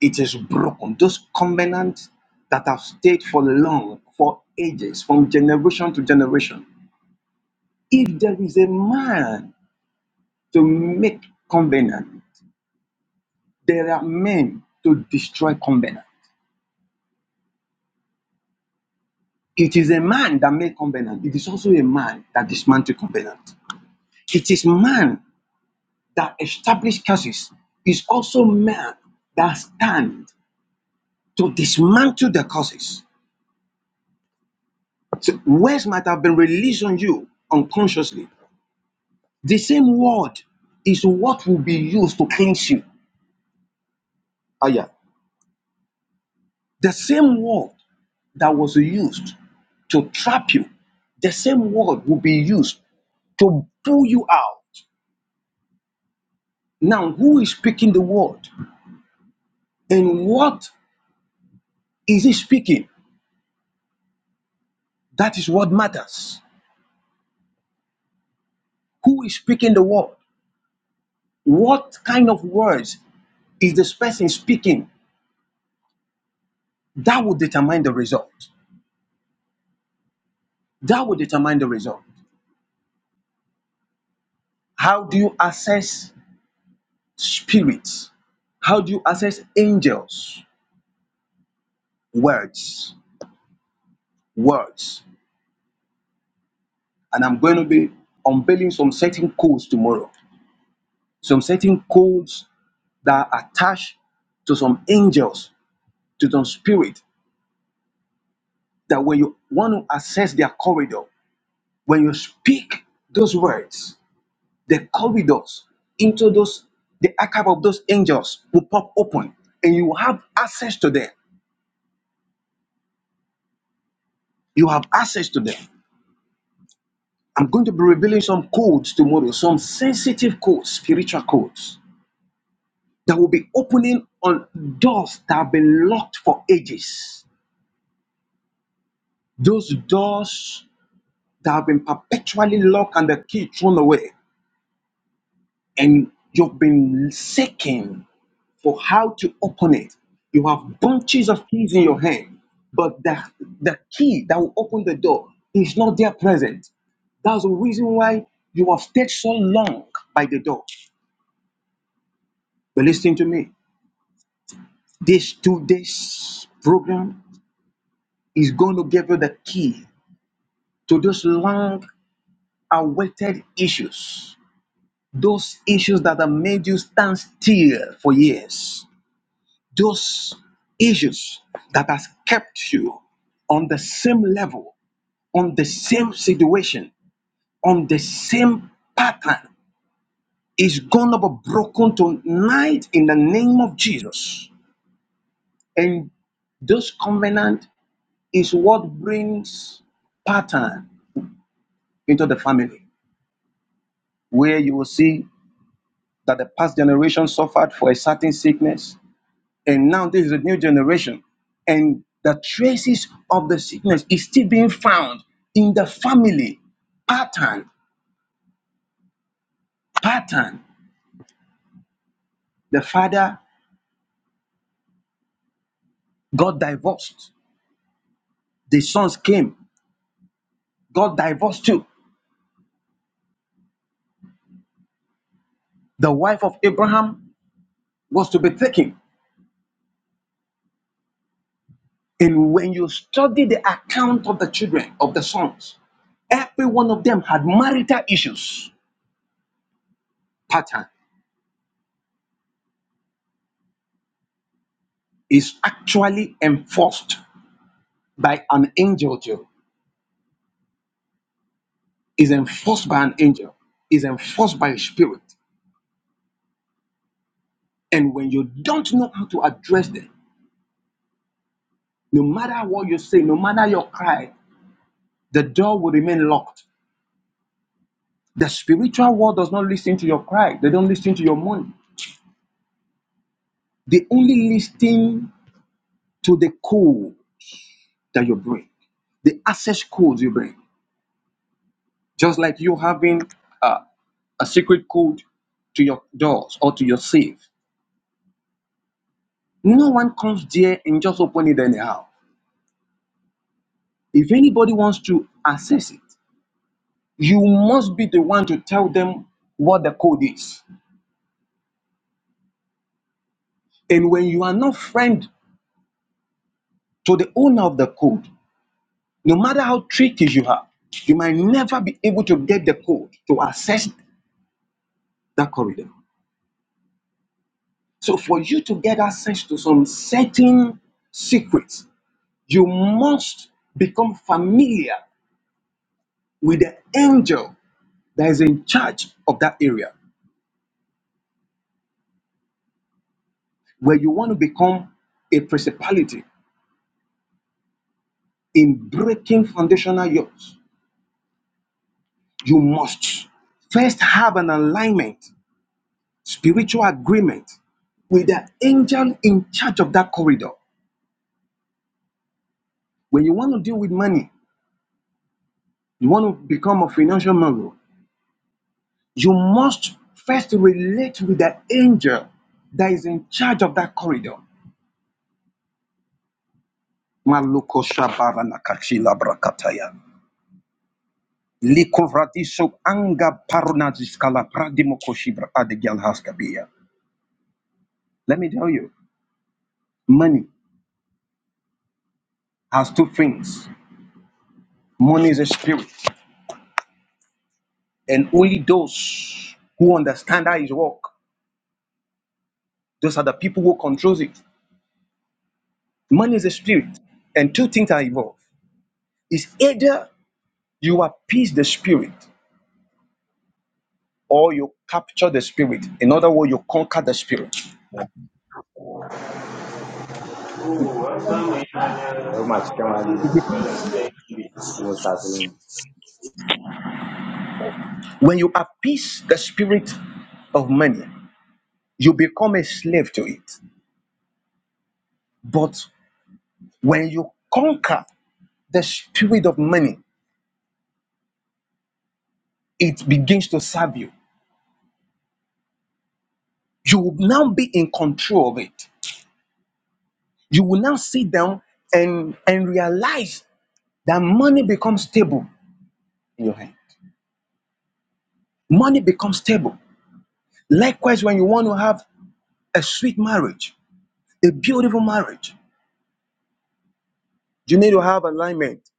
Speaker 3: It is broken. Those covenants that have stayed for long, for ages, from generation to generation. If there is a man to make covenant. There are men to destroy covenant. It is a man that made covenant. It is also a man that dismantled covenant. It is man that established curses. It's also man that stands to dismantle the curses. So words might have been released on you unconsciously. The same word is what will be used to cleanse you. Ah, yeah. The same word that was used to trap you, the same word will be used to pull you out. Now, who is speaking the word and what is he speaking? That is what matters. Who is speaking the word? What kind of words is this person speaking? That will determine the result. That will determine the result. How do you assess spirits? How do you assess angels? Words. Words. And I'm going to be unveiling some certain codes tomorrow. Some certain codes that are attached to some angels, to some spirit, that when you want to access their corridor, when you speak those words, the corridors into those, the archive of those angels will pop open and you have access to them. You have access to them. I'm going to be revealing some codes tomorrow, some sensitive codes, spiritual codes that will be opening on doors that have been locked for ages. Those doors that have been perpetually locked and the key thrown away, and you've been seeking for how to open it. You have bunches of keys in your hand, but the, the key that will open the door is not there present. That's the reason why you have stayed so long by the door. But listen to me. This two days program is going to give you the key to those long awaited issues Those issues that have made you stand still for years, those issues that has kept you on the same level, on the same situation, on the same pattern is gonna be broken tonight in the name of Jesus. And this covenant is what brings pattern into the family, where you will see that the past generation suffered for a certain sickness, And now this is a new generation. And the traces of the sickness is still being found in the family pattern. Pattern. The father got divorced. The sons came, got divorced too. The wife of Abraham was to be taken. And when you study the account of the children, of the sons, every one of them had marital issues pattern is actually enforced by an angel too. is enforced by an angel, is enforced by a spirit. And when you don't know how to address them, no matter what you say, no matter your cry, the door will remain locked. The spiritual world does not listen to your cry, they don't listen to your money. They only listen to the code that you bring, the access codes you bring. Just like you having uh, a secret code to your doors or to your safe. No one comes there and just open it anyhow. If anybody wants to access it, you must be the one to tell them what the code is. And when you are not friend to the owner of the code, no matter how tricky you are, you might never be able to get the code to access that corridor. So for you to get access to some certain secrets, you must become familiar with the angel that is in charge of that area where you want to become a principality in breaking foundational yokes you must first have an alignment, spiritual agreement with the angel in charge of that corridor. When you want to deal with money, you want to become a financial mogul, you must first relate with the angel that is in charge of that corridor. Maluko shabara nakachila brakataya. Liko vradiso anga parunaziskala pradimokoshiba adegyal haskabia. Let me tell you, money has two things. Money is a spirit. And only those who understand how it works, those are the people who controls it. Money is a spirit. And two things are involved. It's either you appease the spirit or you capture the spirit. In other words, you conquer the spirit.
Speaker 7: Otomatikman, nou sa se yon.
Speaker 3: When you appease the spirit of money, you become a slave to it. But when you conquer the spirit of money, it begins to serve you. You will now be in control of it. you will now sit down and and realize that money becomes stable in your hand money becomes stable likewise when you want to have a sweet marriage a beautiful marriage you need to have alignment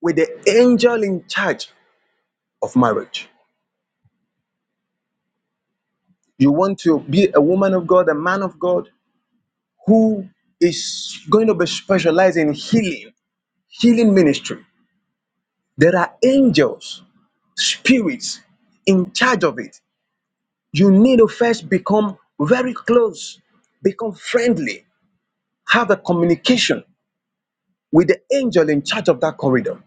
Speaker 3: with the angel in charge of marriage you want to be a woman of god a man of god who is going to be specialized in healing healing ministry there are angels spirits in charge of it you need to first become very close, become friendly, have a communication with the angel in charge of that corridor.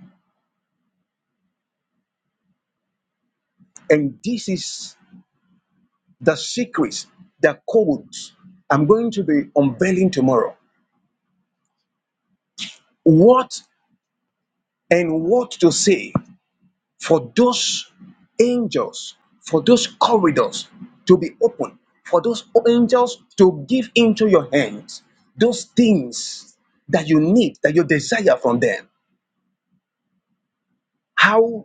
Speaker 3: And this is the secrets, the codes I'm going to be unveiling tomorrow. What and what to say for those angels, for those corridors to be open, for those angels to give into your hands those things that you need, that you desire from them. How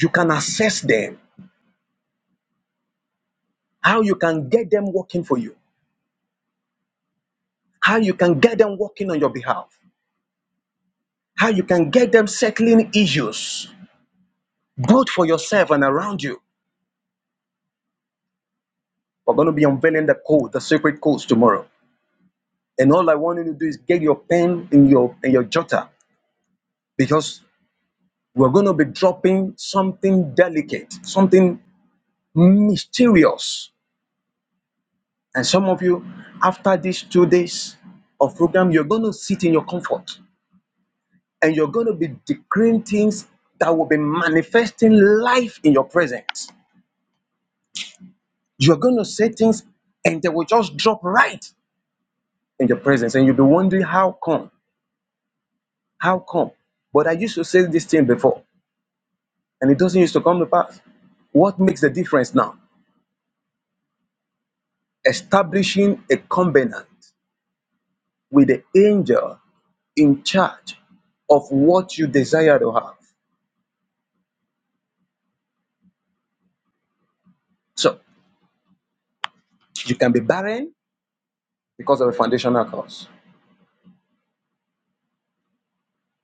Speaker 3: You can assess them, how you can get them working for you, how you can get them working on your behalf, how you can get them settling issues, both for yourself and around you. We're going to be unveiling the code, the secret codes tomorrow. And all I want you to do is get your pen in your in your jotter because we're going to be dropping something delicate, something mysterious. And some of you, after these two days of program, you're going to sit in your comfort. and you're going to be decreeing things that will be manifesting life in your presence. You're going to say things and they will just drop right in your presence. And you'll be wondering, how come? How come? But I used to say this thing before and it doesn't used to come to pass. What makes the difference now? Establishing a covenant with the angel in charge of what you desire to have. So you can be barren because of a foundational cause.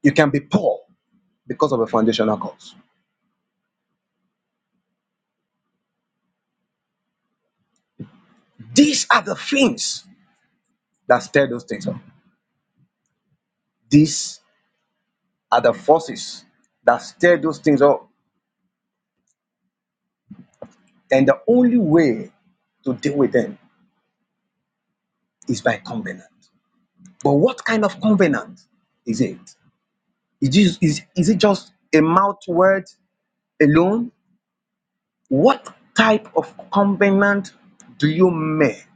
Speaker 3: You can be poor because of a foundational cause These are the things that stir those things up. These are the forces that stir those things up. And the only way to deal with them is by covenant. But what kind of covenant is it? Is, this, is, is it just a mouth word alone? What type of covenant do you make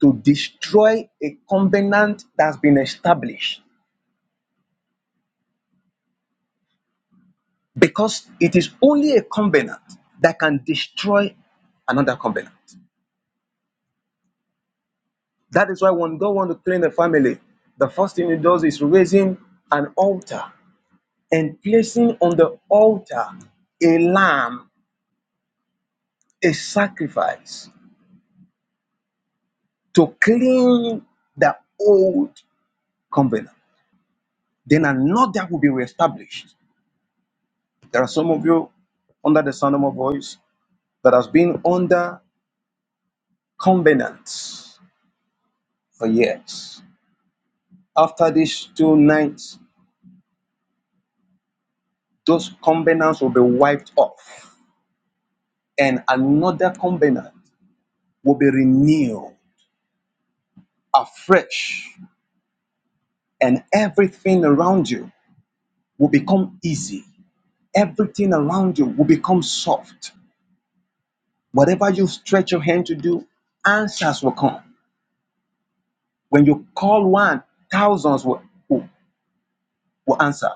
Speaker 3: to destroy a covenant that's been established? Because it is only a covenant that can destroy another covenant. That is why when God wants to clean a family, the first thing he does is raising an altar and placing on the altar a lamb, a sacrifice to clean the old covenant. Then another will be reestablished. There are some of you under the sound of my voice that has been under covenants for years. After these two nights, those covenants will be wiped off, and another covenant will be renewed afresh, and everything around you will become easy. Everything around you will become soft. Whatever you stretch your hand to do, answers will come. When you call one, thousands will, will, will answer.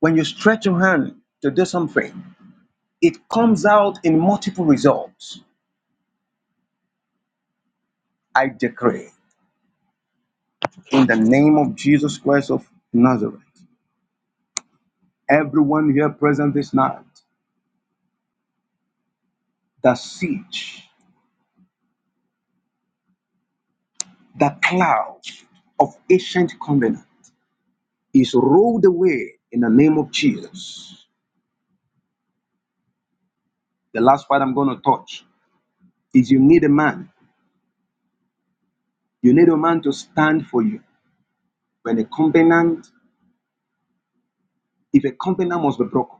Speaker 3: When you stretch your hand to do something, it comes out in multiple results. I decree in the name of Jesus Christ of Nazareth, everyone here present this night, the siege The cloud of ancient covenant is rolled away in the name of Jesus. The last part I'm going to touch is you need a man. You need a man to stand for you. When a covenant, if a covenant must be broken,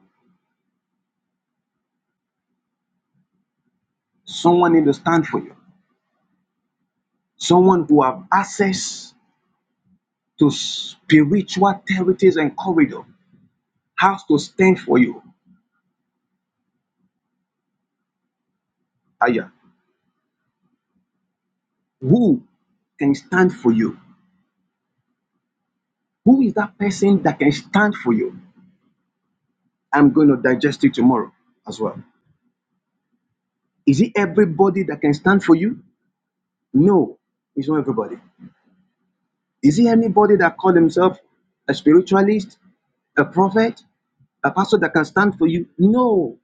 Speaker 3: someone need to stand for you. Someone who have access to spiritual territories and corridor has to stand for you. Aya. Who can stand for you? Who is that person that can stand for you? I'm going to digest it tomorrow as well. Is it everybody that can stand for you? No, it's not everybody. Is it anybody that call himself a spiritualist, a prophet, a pastor that can stand for you? No,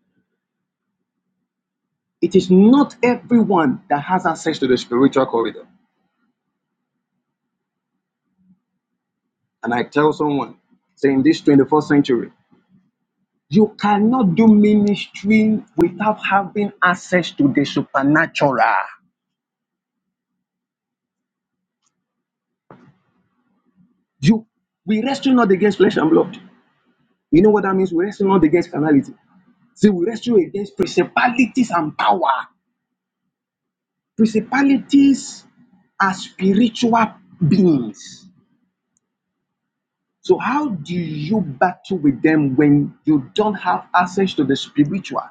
Speaker 3: it is not everyone that has access to the spiritual corridor. And I tell someone, say in this 21st century, you cannot do ministry without having access to the supernatural. You we wrestle not against flesh and blood. You know what that means? We wrestle not against carnality. See, we wrestle against principalities and power. Principalities are spiritual beings. So, how do you battle with them when you don't have access to the spiritual?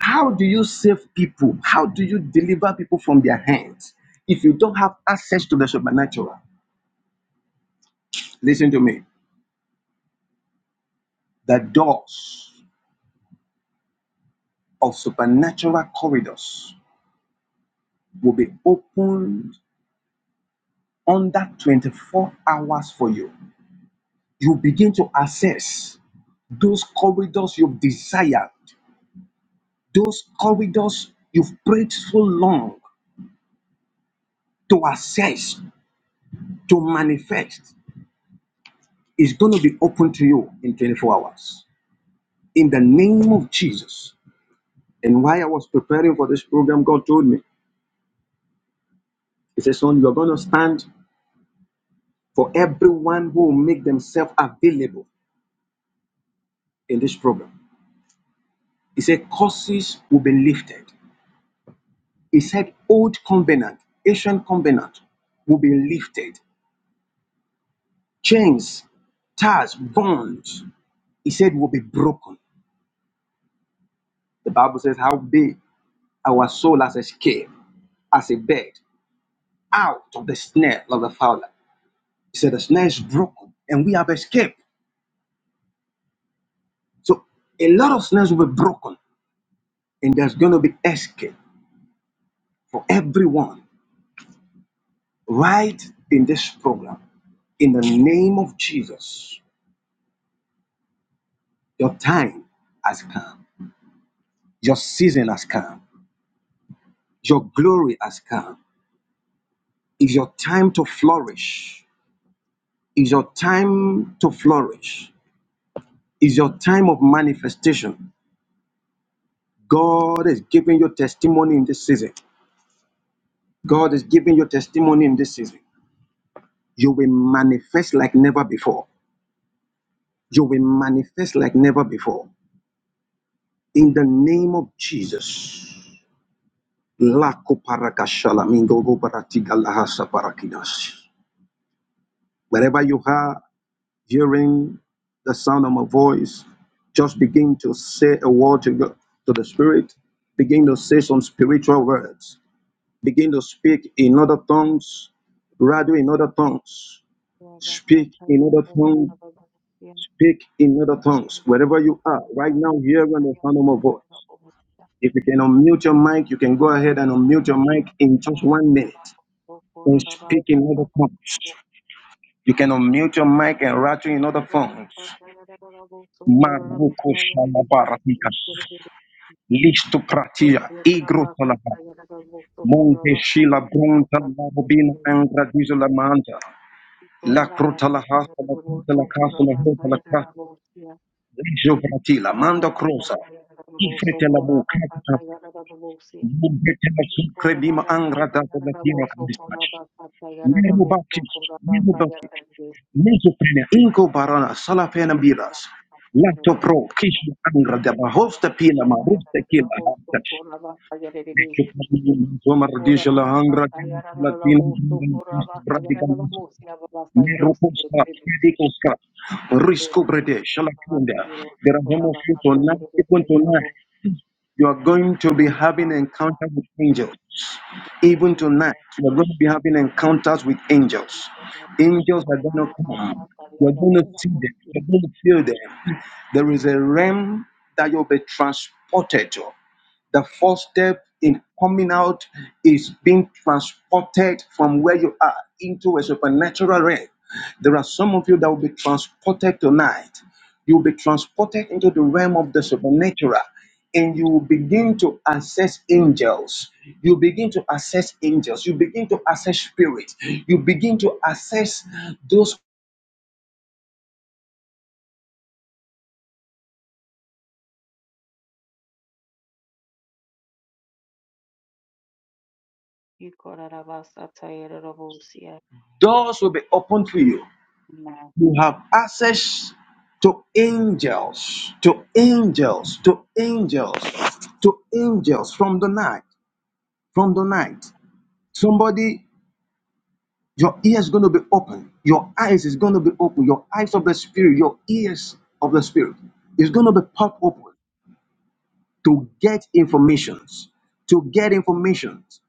Speaker 3: How do you save people? How do you deliver people from their hands if you don't have access to the supernatural? Listen to me. The doors of supernatural corridors will be opened under 24 hours for you you begin to access those corridors you've desired, those corridors you've prayed so long to access, to manifest, is going to be open to you in 24 hours. In the name of Jesus. And while I was preparing for this program, God told me, He said, Son, you're going to stand for everyone who will make themselves available in this program. He said, Curses will be lifted. He said, Old covenant, ancient covenant will be lifted chains, ties, bonds, he said will be broken. The Bible says how big our soul has escaped as a bird out of the snare of the fowler. He said the snare is broken and we have escaped. So a lot of snares will be broken and there's going to be escape for everyone right in this program. In the name of Jesus, your time has come. Your season has come. Your glory has come. It's your time to flourish. It's your time to flourish. It's your time of manifestation. God is giving you testimony in this season. God is giving you testimony in this season. You will manifest like never before. You will manifest like never before. In the name of Jesus. Lako parakashala mingogo Lakoparakashalamingogobaratigalahasaparakidas. Wherever you are, hearing the sound of my voice, just begin to say a word to, God, to the Spirit, begin to say some spiritual words, begin to speak in other tongues, rather in other tongues, speak in other tongues, speak in other tongues, wherever you are, right now, hearing the sound of my voice. If you can unmute your mic, you can go ahead and unmute your
Speaker 1: Amen.
Speaker 3: mic in just one minute and speak in other tongues. You can unmute your mic and rattle in other tongues. Maruko shalabaratika. Listo pratia. Igro salaba. Monte shila bronta la bobina
Speaker 1: Ikorarabasatayaradabosokorobasayaradabosya.
Speaker 3: angradizo la manta. La cruta la hasa la puta la casa la hota la casa.
Speaker 1: Ikorarabasatayaradabosokorobasayaradabosokorobasayaradabosya.
Speaker 3: Ligio pratila. Manda crosa. Ifrete la bucata. Bumbete la sucrebima angradazo la tira candistaci. Nero bacchis. Nero bacchis. Mesoprenea. Inco barana. Salafena biras.
Speaker 1: Ikorarabasa
Speaker 3: Lato pro. Kishma angrada. Bahosta pila. Marusta kila. Zoma radisha hangra latina dina kista medikoska risko brede shalakunda there are no few tonight even tonight you are going to be having encounters with angels even tonight you are going to be having encounters with angels angels are going to come you are going to see them you are going to feel them there is a realm that you'll be transported to the first step in coming out is being transported from where you are into a supernatural realm. There are some of you that will be transported tonight. You'll be transported into the realm of the supernatural and you will begin to access angels. You begin to access angels. You begin to access spirits. You begin to access those
Speaker 1: tayerorobusia
Speaker 3: doors will be open to you.
Speaker 1: na
Speaker 3: you have access to angels, to angels, to angels, to angels from the night, from the night. Somebody, your ear is going to be open, your eyes is going to be open, your eyes of the spirit, your ears of the spirit is going to be popped open to get informations, to get informations,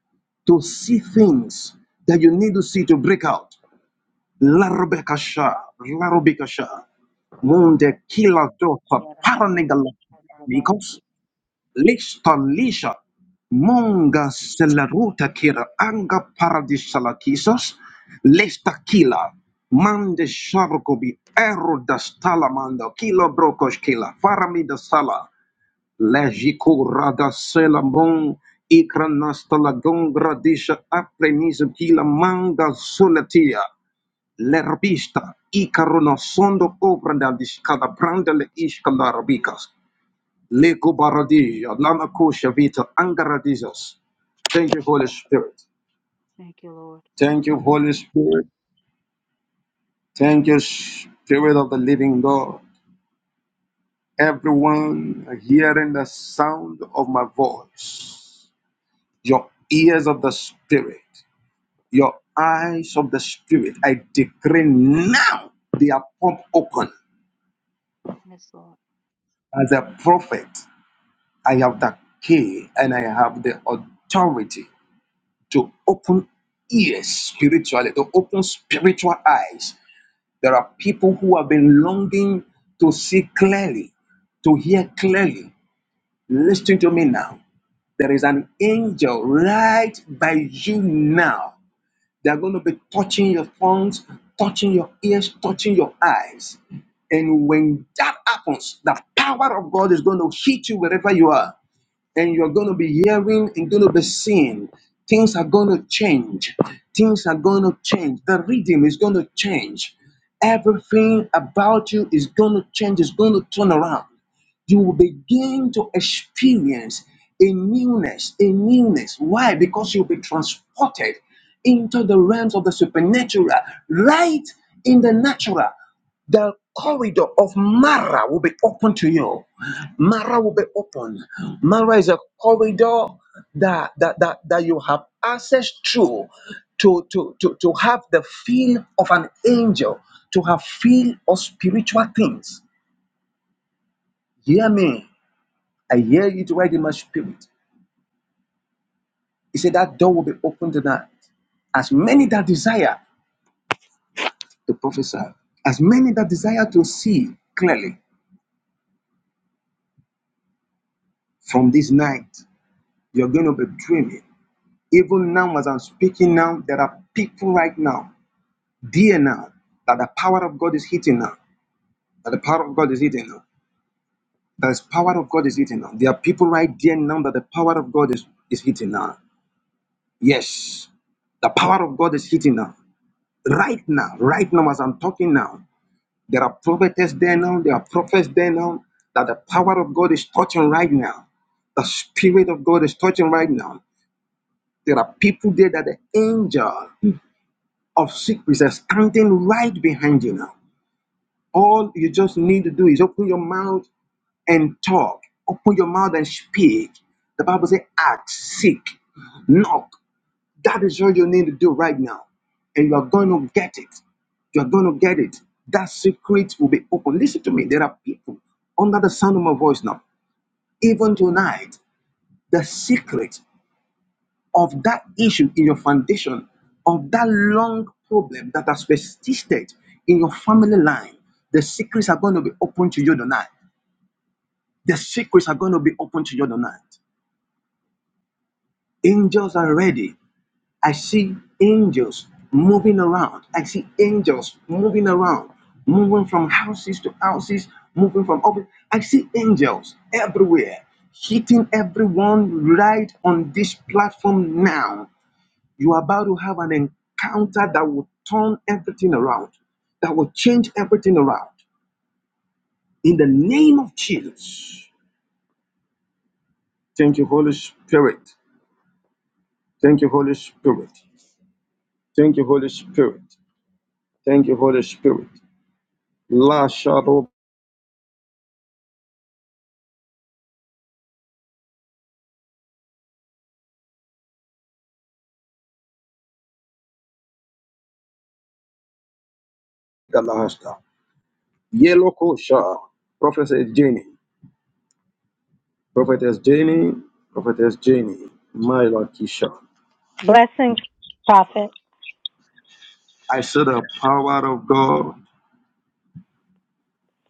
Speaker 3: to see things that you need to see to break out. Larubekasha, Larubekasha. Wunde kila joto parniga la
Speaker 1: yararabusia
Speaker 3: amigos, listo lisha, monga selaruta kira anga paradisa la kisos, lista kila, mande shargobi ero da stala kilo brokos kila, farami da sala, lejiku rada sela mon, ikra nasta la gongra disha kila manga sulatia, L'herbista Icarono sondo obra da discada branda le isca larabicas. Lego baradia, lana kosha vita angaradizas. Thank you, Holy Spirit.
Speaker 1: Thank you, Lord.
Speaker 3: Thank you, Holy Spirit. Thank you, Spirit of the Living God. Everyone hearing the sound of my voice, your ears of the Spirit, your eyes of the Spirit, I decree now they are pop open
Speaker 1: Yes, Lord.
Speaker 3: as a prophet. I have the key and I have the authority to open ears spiritually, to open spiritual eyes. There are people who have been longing to see clearly, to hear clearly. Listen to me now. There is an angel right by you now. They're going to be touching your phones, touching your ears, touching your eyes. And when that happens, the power of God is going to hit you wherever you are and you're going to be hearing and going to be seeing. Things are going to change. Things are going to change. The rhythm is going to change. Everything about you is going to change, it's going to turn around. You will begin to experience a newness, a newness. Why? Because you'll be transported into the realms of the supernatural, right in the natural the corridor of Mara will be open to you. Mara will be open. Mara is a corridor that that that, that you have access through to, to, to, to have the feel of an angel, to have feel of spiritual things. Hear me. I hear it right in my spirit. He said that door will be open tonight. As many that desire to prophesy, as many that desire to see clearly from this night, you're going to be dreaming Even now, as I'm speaking now, there are people right now, dear now, that the power of God is hitting now. That the power of God is hitting now. That the power of God is hitting now. There are people right there now that the power of God is, is hitting now. Yes, the power of God is hitting now. Right now, right now, as I'm talking now, there are prophets there now, there are prophets there now, that the power of God is touching right now. The Spirit of God is touching right now. There are people there that the angel of secrets are standing right behind you now. All you just need to do is open your mouth and talk. Open your mouth and speak. The Bible says, "Ask, seek, knock. That is all you need to do right now. And you are going to get it. You are going to get it. That secret will be open. Listen to me. There are people under the sound of my voice now. Even tonight, the secret of that issue in your foundation, of that long problem that has persisted in your family line, the secrets are going to be open to you tonight. The secrets are going to be open to you tonight. Angels are ready. I see angels moving around. I see angels moving around, moving from houses to houses, moving from office. I see angels everywhere hitting everyone right on this platform now You are about to have an encounter that will turn everything around, that will change everything around. In the name of Jesus. Thank you, Spirit. Thank you, Holy Spirit. Thank you, Spirit. Thank you. Lord Galahasta. Yellow Kosha. Prophetess Jenny. Prophetess Jenny. Prophetess Jenny. My Lord Kisha.
Speaker 4: Blessings, Prophet.
Speaker 3: I saw the power of God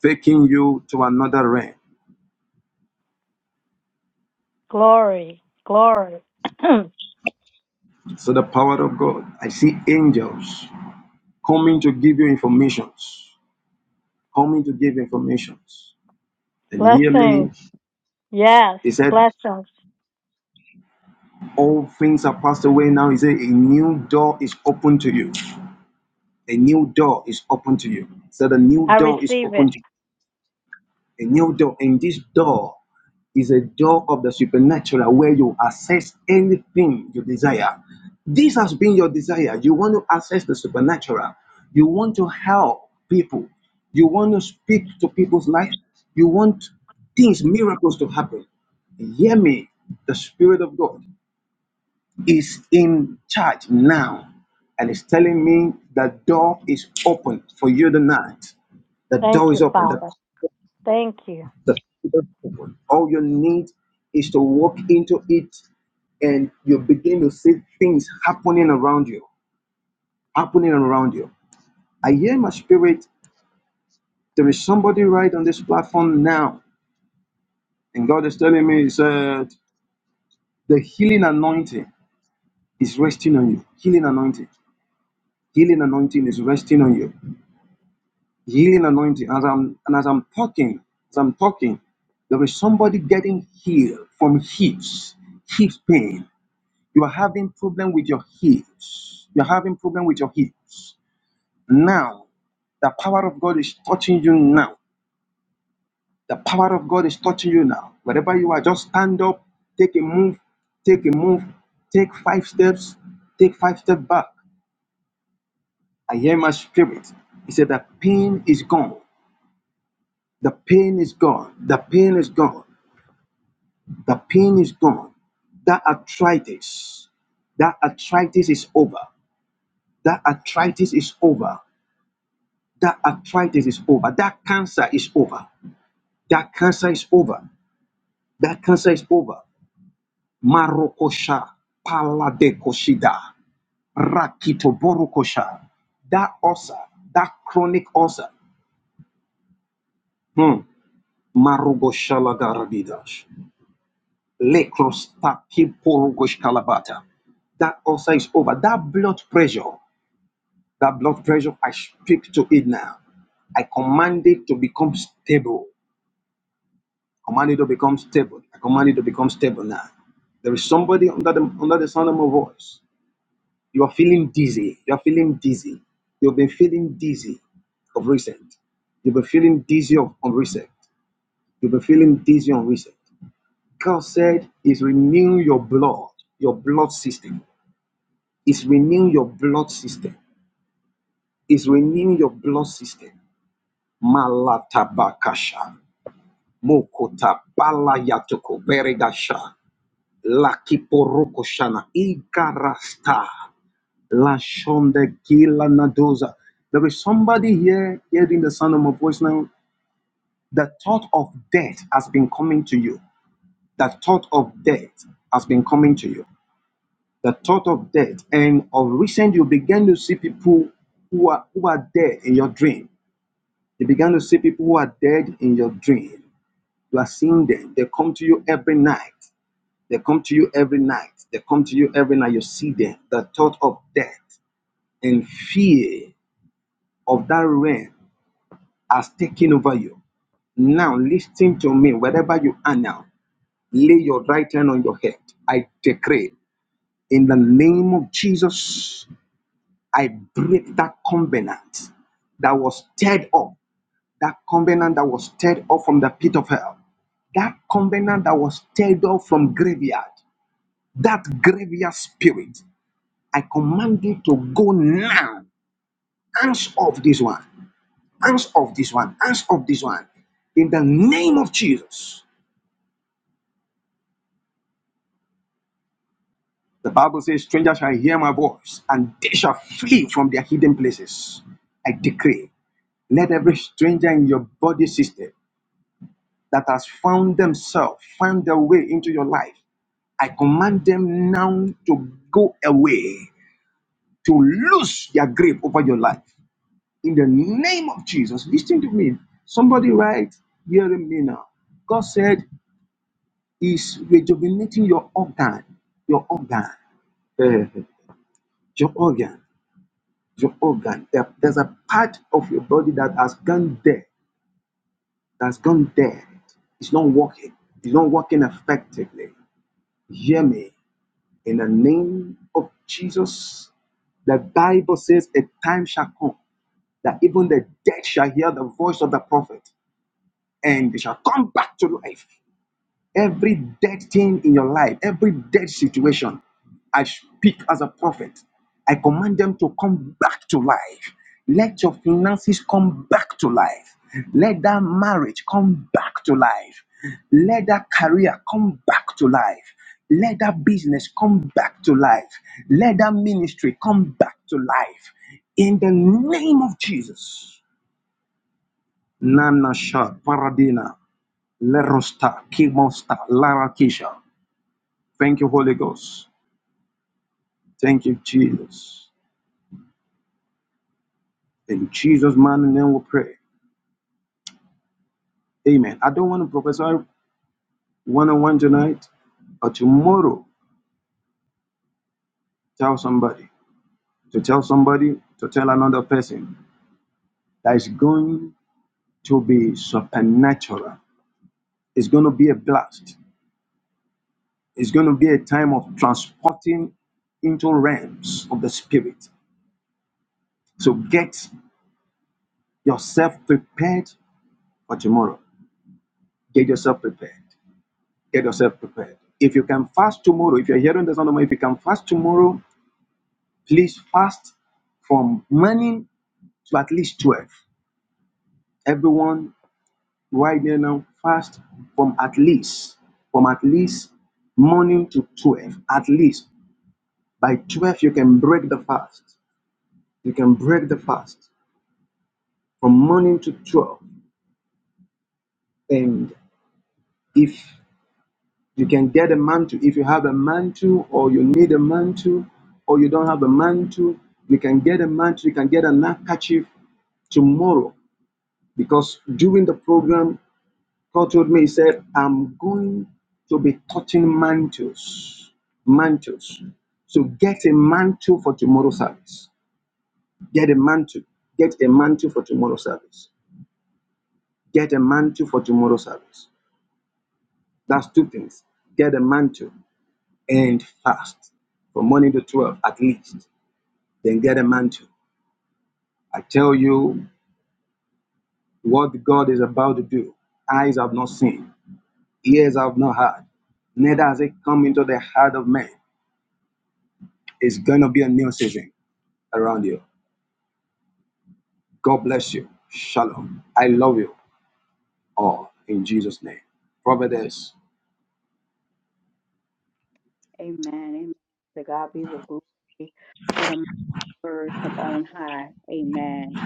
Speaker 3: taking you to another realm.
Speaker 4: Glory, glory.
Speaker 3: So the power of God. I see angels coming to give you informations. coming to give informations. And hear
Speaker 4: blessings.
Speaker 3: me.
Speaker 4: Yes,
Speaker 3: He said,
Speaker 4: blessings.
Speaker 3: All things are passed away now. He said, A new door is open to you. A new door is open to you. He said, A new
Speaker 4: I
Speaker 3: door is
Speaker 4: receive it.
Speaker 3: open to you. A new door. And this door is a door of the supernatural where you access anything you desire. This has been your desire. You want to access the supernatural. You want to help people. You want to speak to people's lives. You want things, miracles to happen. Hear me. The Spirit of God is in charge now and is telling me that door is open for you tonight. The door
Speaker 4: Thank you,
Speaker 3: is open.
Speaker 4: Father. Thank you.
Speaker 3: The forward. All you need is to walk into it and you begin to see things happening around you, happening around you. I hear in my spirit, there is somebody right on this platform now, and God is telling me, He said, the healing anointing is resting on you. Healing anointing, healing anointing is resting on you. Healing anointing. As I'm and as I'm talking, as I'm talking, there is somebody getting healed from hips, hip pain. you are having problem with your hips you're having problem with your hips now the power of god is touching you now the power of god is touching you now wherever you are just stand up take a move take a move take five steps take five steps back i hear my spirit he said the pain is gone the pain is gone the pain is gone the pain is gone that arthritis that arthritis is over. That arthritis is over. That arthritis is over. That cancer is over. That cancer is over. That cancer is over. Marokosha, paladekoshida, rakitoborokosha. That ulcer, that chronic ulcer. Hmm. Marogoshalagaradidash. Lekrostakiporogoskalabata. That ulcer is over. That blood pressure, that blood pressure, I speak to it now. I command it to become stable. command it to become stable. I command it to become stable now. There is somebody under the under the sound of my voice. You are feeling dizzy. You are feeling dizzy. You've been feeling dizzy of recent. You've been feeling dizzy of on recent. You've been feeling dizzy on recent. God said, "Is renew your blood, your blood system. Is renew your blood system. Is renew your blood system." Malatabakasha, Mokota, Balayatoko, Beregasha. La kiporokoshana ikarasta la shonde kila nadoza. There is somebody here hearing the sound of my voice now. The thought of death has been coming to you. The thought of death has been coming to you. The thought of death, and of recent, you began to see people who are who are dead in your dream. You began to see people who are dead in your dream. You are seeing them. They come to you every night. They come to you every night. They come to you every night. You see them. The thought of death and fear of that realm has taken over you. Now, listen to me. Wherever you are now, lay your right hand on your head. I decree in the name of Jesus, I break that covenant that was stirred up, that covenant that was stirred up from the pit of hell, that covenant that was stirred up from graveyard, that graveyard spirit, I command you to go now. Hands off this one. Hands off this one. Hands off this one. In the name of Jesus. The Bible says, Strangers shall hear my voice, and they shall flee from their hidden places. I decree, let every stranger in your body system that has found themselves, found their way into your life, I command them now to go away, to lose their grip over your life. in the name of Jesus. Listen to me. Somebody right hearing me now. God said He's rejuvenating your organ, your organ, eh, your organ, your organ. There- There's a part of your body that has gone dead, that's gone dead. It's not working. It's not working effectively. Hear me. In the name of Jesus, the Bible says a time shall come that even the dead shall hear the voice of the prophet. and they shall come back to life. Every dead thing in your life, every dead situation, I speak as a prophet. I command them to come back to life. Let your finances come back to life. Let that marriage come back to life. Let that career come back to life. Let that business come back to life. Let that ministry come back to life. In the name of Jesus. Nana Shah Paradina. Lerosta, Kimosta, Larakisha. Thank you, Holy Ghost. Thank you, Jesus. In Jesus' mighty name we pray. Amen. I don't want to prophesy one on one tonight, but tomorrow, tell somebody, to tell somebody, to tell another person that is going to be supernatural. It's going to be a blast. It's going to be a time of transporting into realms of the spirit. So get yourself prepared for tomorrow. Get yourself prepared. Get yourself prepared. If you can fast tomorrow, if you're hearing the sound of my, if you can fast tomorrow, please fast from morning to at least 12. Everyone, right there now, fast from at least, from at least morning to 12. At least by 12, you can break the fast. You can break the fast from morning to 12. And if You can get a mantle if you have a mantle or you need a mantle or you don't have a mantle. You can get a mantle, you can get a handkerchief tomorrow because during the program, God told me, He said, I'm going to be cutting mantles. Mantles. So get a mantle for tomorrow's service. Get a mantle. Get a mantle for tomorrow's service. Get a mantle for tomorrow's service. That's two things. Get a mantle. End fast from morning to 12 at least, then get a mantle. I tell you what God is about to do. Eyes have not seen, ears have not heard, neither has it come into the heart of man. It's going to be a new season around you. God bless you. Shalom. I love you all in Jesus' name. Providence.
Speaker 1: Amen. Amen. To God be the glory. What a word from on high. Amen.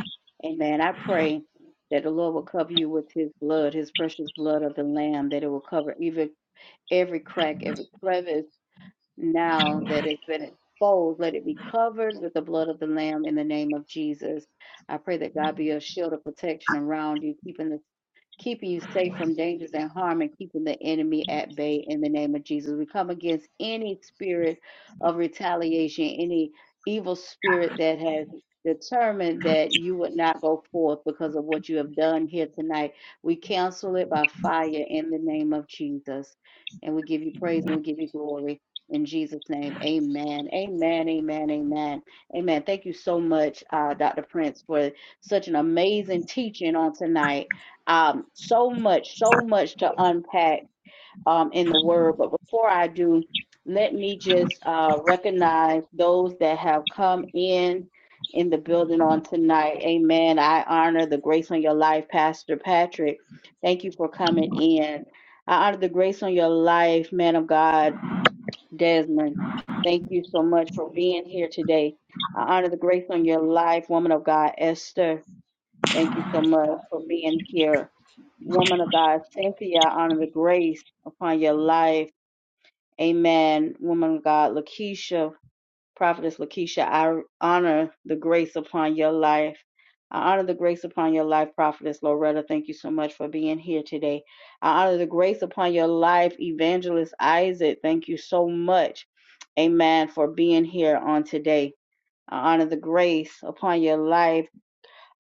Speaker 1: Amen. I pray that the Lord will cover you with his blood, his precious blood of the Lamb, that it will cover even every crack, every crevice. now that it's been exposed, let it be covered with the blood of the Lamb in the name of Jesus. I pray that God be a shield of protection around you, keeping the keeping you safe from dangers and harm and keeping the enemy at bay in the name of Jesus. We come against any spirit of retaliation, any evil spirit that has determined that you would not go forth because of what you have done here tonight. We cancel it by fire in the name of Jesus. And we give you praise and we give you glory. In Jesus' name, amen. Amen. Amen. Amen. Amen. Thank you so much, uh, Dr. Prince, for such an amazing teaching on tonight. Um, so much, so much to unpack um, in the word. But before I do, let me just uh, recognize those that have come in in the building on tonight. Amen. I honor the grace on your life, Pastor Patrick. Thank you for coming in. I honor the grace on your life, man of God. Desmond, thank you so much for being here today. I honor the grace on your life, woman of God. Esther, thank you so much for being here. Woman of God, Cynthia, I honor the grace upon your life. Amen. Woman of God, Lakeisha, Prophetess Lakeisha, I honor the grace upon your life. I honor the grace upon your life, Prophetess Loretta. Thank you so much for being here today. I honor the grace upon your life, Evangelist Isaac. Thank you so much, amen, for being here on today. I honor the grace upon your life,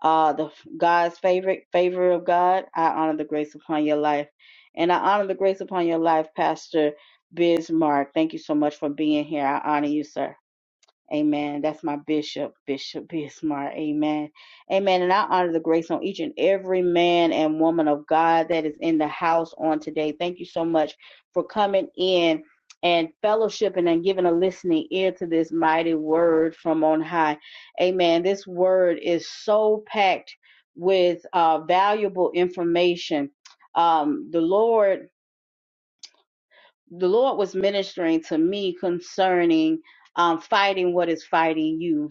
Speaker 1: uh, the God's favorite favor of God. I honor the grace upon your life, and I honor the grace upon your life, Pastor Bismarck. Thank you so much for being here. I honor you, sir. Amen. That's my bishop, Bishop Bismarck. Amen. Amen. And I honor the grace on each and every man and woman of God that is in the house on today. Thank you so much for coming in and fellowshipping and giving a listening ear to this mighty word from on high. Amen. This word is so packed with uh, valuable information. Um, the Lord the Lord was ministering to me concerning um, fighting what is fighting you.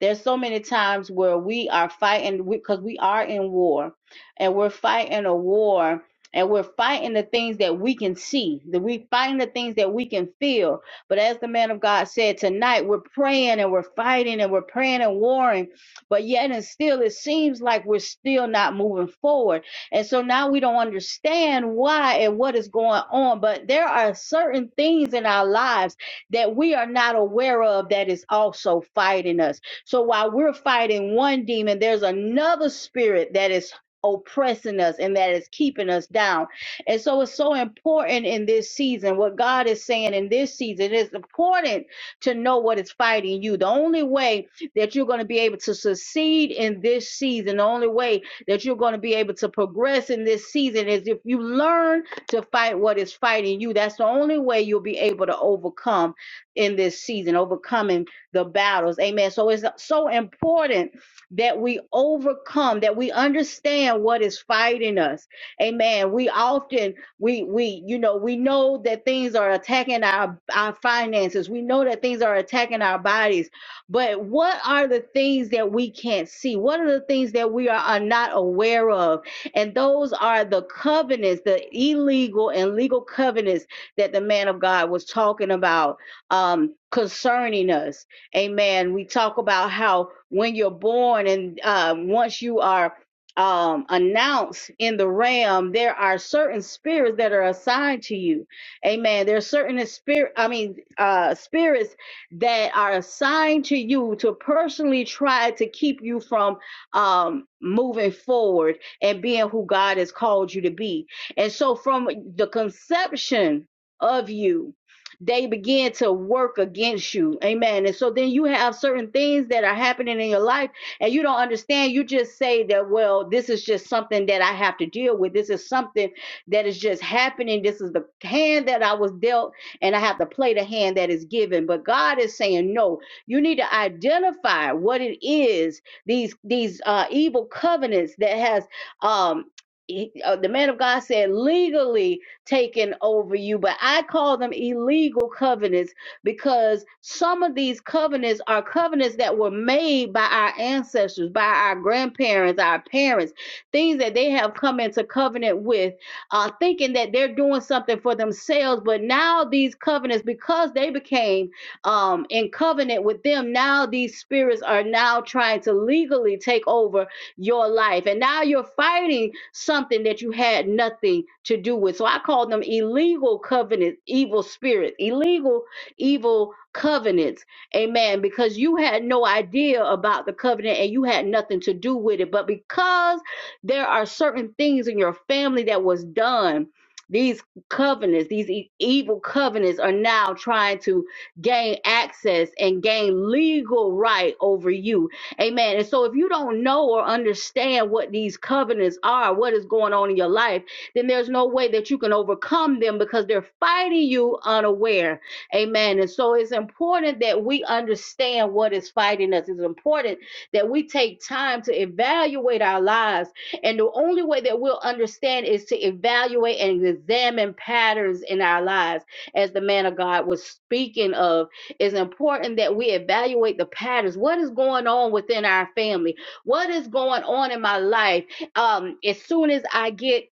Speaker 1: There's so many times where we are fighting because we are in war and we're fighting a war and we're fighting the things that we can see, that we fighting the things that we can feel. But as the man of God said tonight, we're praying and we're fighting and we're praying and warring, but yet and still it seems like we're still not moving forward. And so now we don't understand why and what is going on, but there are certain things in our lives that we are not aware of that is also fighting us. So while we're fighting one demon, there's another spirit that is oppressing us and that is keeping us down. And so it's so important in this season. What God is saying in this season it's important to know what is fighting you. The only way that you're going to be able to succeed in this season, the only way that you're going to be able to progress in this season is if you learn to fight what is fighting you. That's the only way you'll be able to overcome in this season, overcoming the battles. Amen. So it's so important that we overcome, that we understand what is fighting us. Amen. We often we we you know we know that things are attacking our our finances. We know that things are attacking our bodies. But what are the things that we can't see? What are the things that we are, are not aware of? And those are the covenants, the illegal and legal covenants that the man of God was talking about um, concerning us. Amen. We talk about how when you're born and uh, once you are um, announced in the realm, there are certain spirits that are assigned to you. Amen. There are certain spirit, I mean, uh, spirits that are assigned to you to personally try to keep you from um, moving forward and being who God has called you to be. And so from the conception of you, they begin to work against you. Amen. And so then you have certain things that are happening in your life and you don't understand. You just say that, well, this is just something that I have to deal with. This is something that is just happening. This is the hand that I was dealt, and I have to play the hand that is given. But God is saying, no, you need to identify what it is these these uh, evil covenants that has um, he, uh, the man of God said legally taken over you, but I call them illegal covenants because some of these covenants are covenants that were made by our ancestors, by our grandparents, our parents, things that they have come into covenant with, uh, thinking that they're doing something for themselves. But now these covenants, because they became um, in covenant with them, now these spirits are now trying to legally take over your life. And now you're fighting something that you had nothing to do with. So I call them illegal covenants, evil spirits, illegal, evil covenants. Amen. Because you had no idea about the covenant and you had nothing to do with it. But because there are certain things in your family that was done, these covenants, these e- evil covenants are now trying to gain access and gain legal right over you Amen. And so if you don't know or understand what these covenants are, what is going on in your life, then there's no way that you can overcome them because they're fighting you unaware. Amen. And so it's important that we understand what is fighting us. It's important that we take time to evaluate our lives. And the only way that we'll understand is to evaluate and examine patterns in our lives, as the man of God was speaking of it's important that we evaluate the patterns. What is going on within our family? What is going on in my life? Um, as soon as I get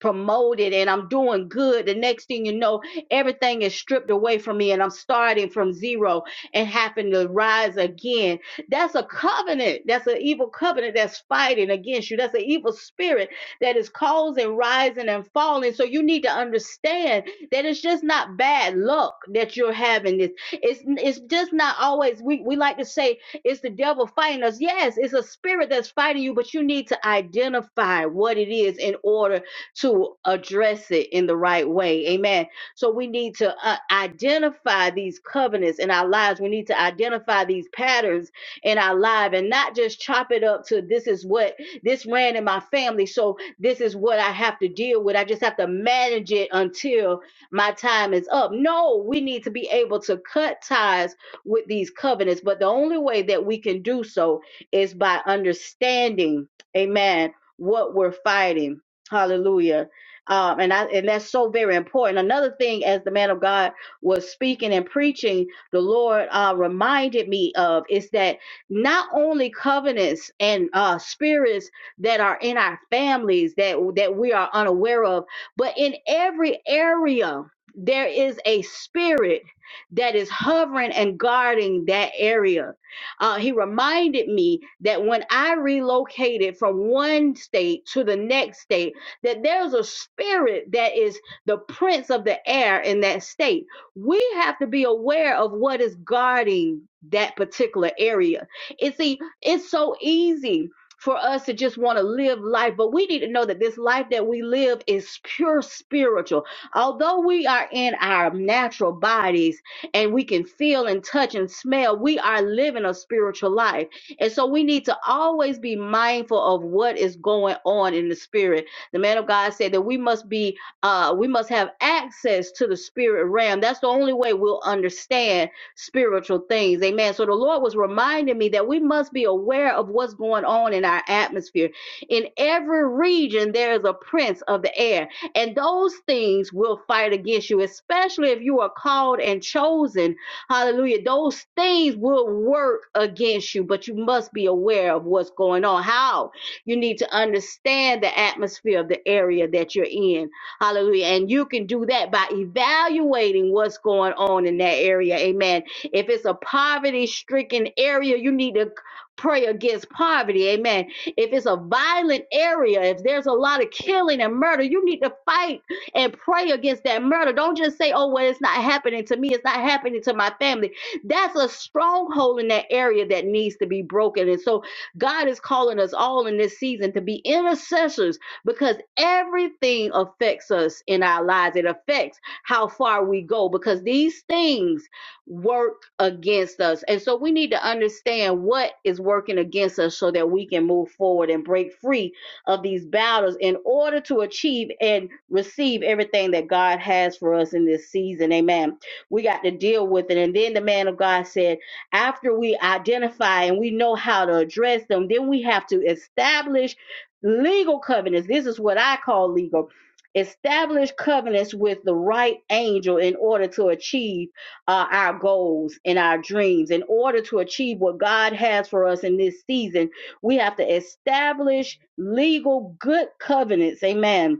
Speaker 1: promoted and I'm doing good. The next thing you know, everything is stripped away from me and I'm starting from zero and having to rise again. That's a covenant. That's an evil covenant that's fighting against you. That's an evil spirit that is causing rising and falling. So you need to understand that it's just not bad luck that you're having this. It's it's just not always we, we like to say it's the devil fighting us. Yes, it's a spirit that's fighting you, but you need to identify what it is in order to address it in the right way. Amen. So we need to uh, identify these covenants in our lives. We need to identify these patterns in our life and not just chop it up to this is what this ran in my family. So this is what I have to deal with. I just have to manage it until my time is up. No, we need to be able to cut ties with these covenants. But the only way that we can do so is by understanding, amen, what we're fighting Hallelujah. Um, and I and that's so very important. Another thing, as the man of God was speaking and preaching, the Lord uh, reminded me of is that not only covenants and uh, spirits that are in our families that that we are unaware of, but in every area there is a spirit that is hovering and guarding that area. Uh, he reminded me that when I relocated from one state to the next state that there's a spirit that is the prince of the air in that state. We have to be aware of what is guarding that particular area. And see, it's so easy for us to just want to live life, but we need to know that this life that we live is pure spiritual. Although we are in our natural bodies and we can feel and touch and smell, we are living a spiritual life. And so we need to always be mindful of what is going on in the spirit the man of God said that we must be, uh, we must have access to the spirit realm. That's the only way we'll understand spiritual things. Amen. So the Lord was reminding me that we must be aware of what's going on in our atmosphere. In every region, there is a prince of the air, and those things will fight against you, especially if you are called and chosen Hallelujah. Those things will work against you, but you must be aware of what's going on. How? You need to understand the atmosphere of the area that you're in. Hallelujah. And you can do that by evaluating what's going on in that area. Amen. If it's a poverty stricken area, you need to pray against poverty. Amen. If it's a violent area, if there's a lot of killing and murder, you need to fight and pray against that murder. Don't just say, oh, well, it's not happening to me. It's not happening to my family. That's a stronghold in that area that needs to be broken. And so God is calling us all in this season to be intercessors because everything affects us in our lives. It affects how far we go because these things work against us. And so we need to understand what is working against us so that we can move forward and break free of these battles in order to achieve and receive everything that God has for us in this season. Amen. We got to deal with it. And then the man of God said, after we identify and we know how to address them, then we have to establish legal covenants. This is what I call legal. Establish covenants with the right angel in order to achieve uh, our goals and our dreams. In order to achieve what God has for us in this season, we have to establish legal good covenants. Amen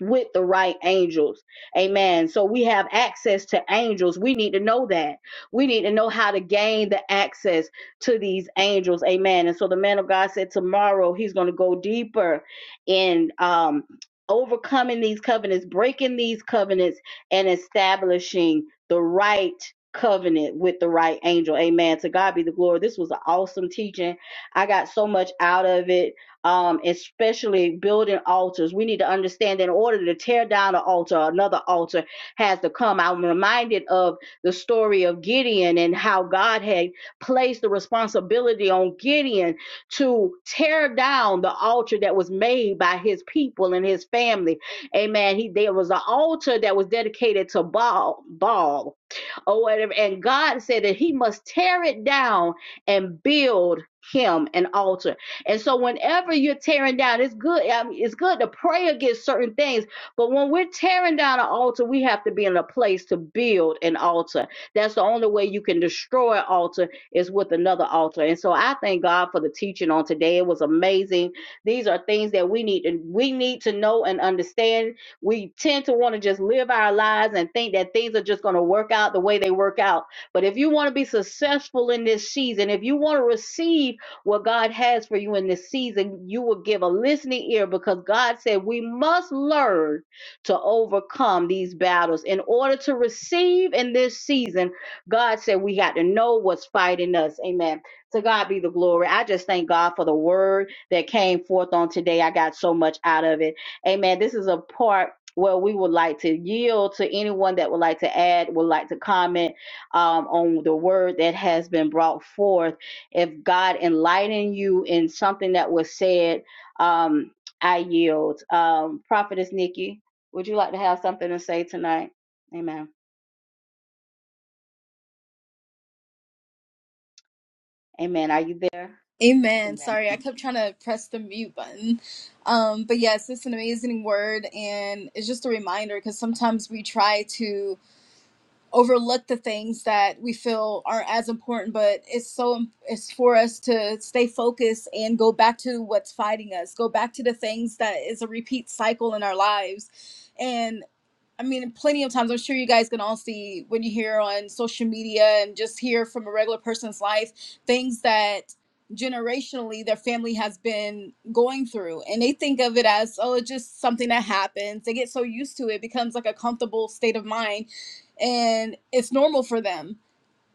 Speaker 1: with the right angels. Amen. So we have access to angels. We need to know that. We need to know how to gain the access to these angels. Amen. And so the man of God said tomorrow he's going to go deeper in um overcoming these covenants, breaking these covenants and establishing the right covenant with the right angel. Amen. To God be the glory. This was an awesome teaching. I got so much out of it um, especially building altars. We need to understand that in order to tear down an altar, another altar has to come. I'm reminded of the story of Gideon and how God had placed the responsibility on Gideon to tear down the altar that was made by his people and his family. Amen. He there was an altar that was dedicated to Baal. Baal or whatever. And God said that he must tear it down and build him an altar. And so whenever you're tearing down, it's good. I mean, it's good to pray against certain things, but when we're tearing down an altar, we have to be in a place to build an altar. That's the only way you can destroy an altar is with another altar. And so I thank God for the teaching on today. It was amazing. These are things that we need to we need to know and understand we tend to want to just live our lives and think that things are just going to work out the way they work out. But if you want to be successful in this season, if you want to receive what God has for you in this season, you will give a listening ear because God said we must learn to overcome these battles. In order to receive in this season, God said we got to know what's fighting us. Amen. To God be the glory. I just thank God for the word that came forth on today. I got so much out of it. Amen. This is a part. Well, we would like to yield to anyone that would like to add, would like to comment um, on the word that has been brought forth. If God enlighten you in something that was said, um, I yield. Um, Prophetess Nikki, would you like to have something to say tonight? Amen. Amen. Are you there?
Speaker 8: Amen.
Speaker 1: Amen. Thank
Speaker 8: Sorry, I
Speaker 1: you
Speaker 8: kept trying to press the mute button. Um, but yes, it's an amazing word, and it's just a reminder because sometimes we try to overlook the things that we feel aren't as important, but it's so it's for us to stay focused and go back to what's fighting us, go back to the things that is a repeat cycle in our lives. I mean, plenty of times, I'm sure you guys can all see when you hear on social media and just hear from a regular person's life things that generationally their family has been going through. And they think of it as, oh, it's just something that happens. They get so used to it, it becomes like a comfortable state of mind, and it's normal for them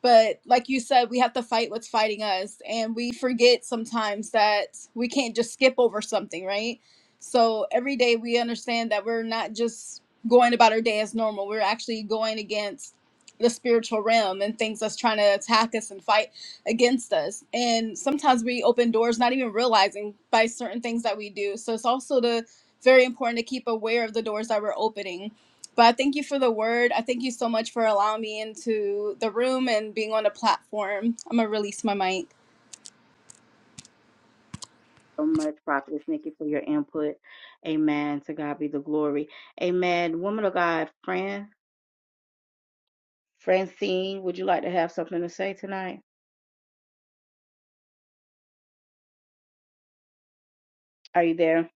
Speaker 8: but like you said, we have to fight what's fighting us. And we forget sometimes that we can't just skip over something, right? So every day we understand that we're not just going about our day as normal. We're actually going against the spiritual realm and things that's trying to attack us and fight against us. And sometimes we open doors not even realizing by certain things that we do. So it's also the very important to keep aware of the doors that we're opening but I thank you for the word. I thank you so much for allowing me into the room and being on the platform. I'm going to release my mic.
Speaker 1: So much, Prophetess Nikki, for your input. Amen. To God be the glory. Amen. Woman of God, friend, Francine, would you like to have something to say tonight? Are you there,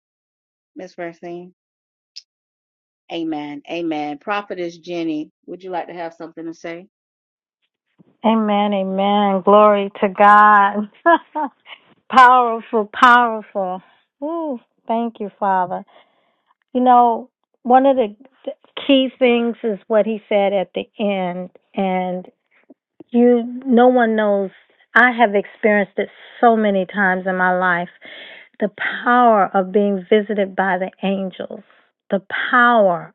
Speaker 1: Miss Francine? Amen. Amen. Prophetess Jenny, would you like to have something to say?
Speaker 4: Amen, amen. Glory to God. powerful, powerful. Ooh, thank you, Father. You know, one of the key things is what he said at the end. You, no one knows. I have experienced it so many times in my life. The power of being visited by the angels. The power,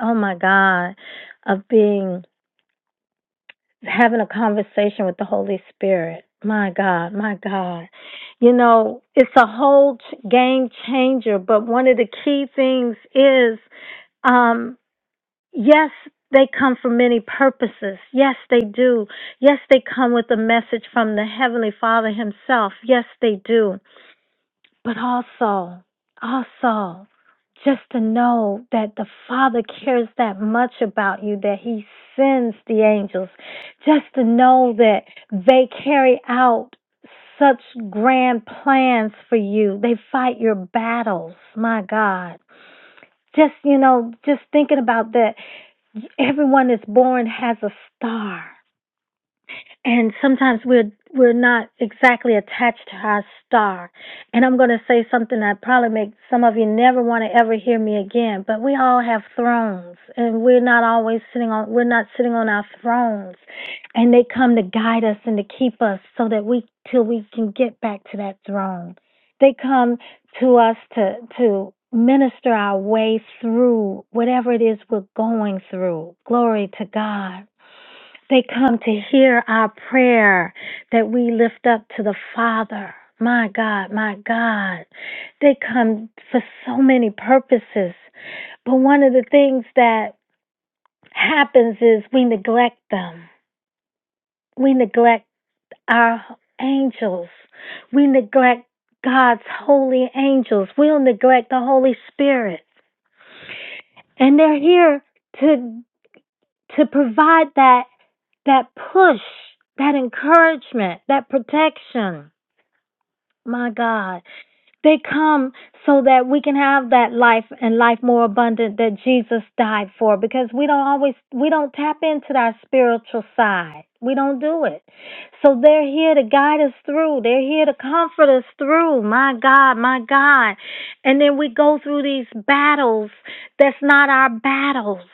Speaker 4: oh my God, of being, having a conversation with the Holy Spirit. My God, my God. You know, it's a whole game changer, but one of the key things is, um, Yes, they come for many purposes. Yes, they do. Yes, they come with a message from the Heavenly Father Himself. Yes, they do. But also, also, just to know that the Father cares that much about you that He sends the angels. Just to know that they carry out such grand plans for you. They fight your battles. My God. Just, you know, just thinking about that Everyone is born has a star and sometimes we're we're not exactly attached to our star. And I'm going to say something that probably makes some of you never want to ever hear me again. But we all have thrones, and we're not always sitting on we're not sitting on our thrones, and they come to guide us and to keep us so that we till we can get back to that throne. They come to us to to minister our way through whatever it is we're going through. Glory to God. They come to hear our prayer that we lift up to the Father. My God, my God. They come for so many purposes. But one of the things that happens is we neglect them. We neglect our angels. We neglect God's holy angels. We'll neglect the Holy Spirit. And they're here to to provide that that push, that encouragement, that protection. My God, they come so that we can have that life and life more abundant that Jesus died for because we don't always we don't tap into our spiritual side. We don't do it. So they're here to guide us through. They're here to comfort us through. My God, my God. And then we go through these battles that's not our battles.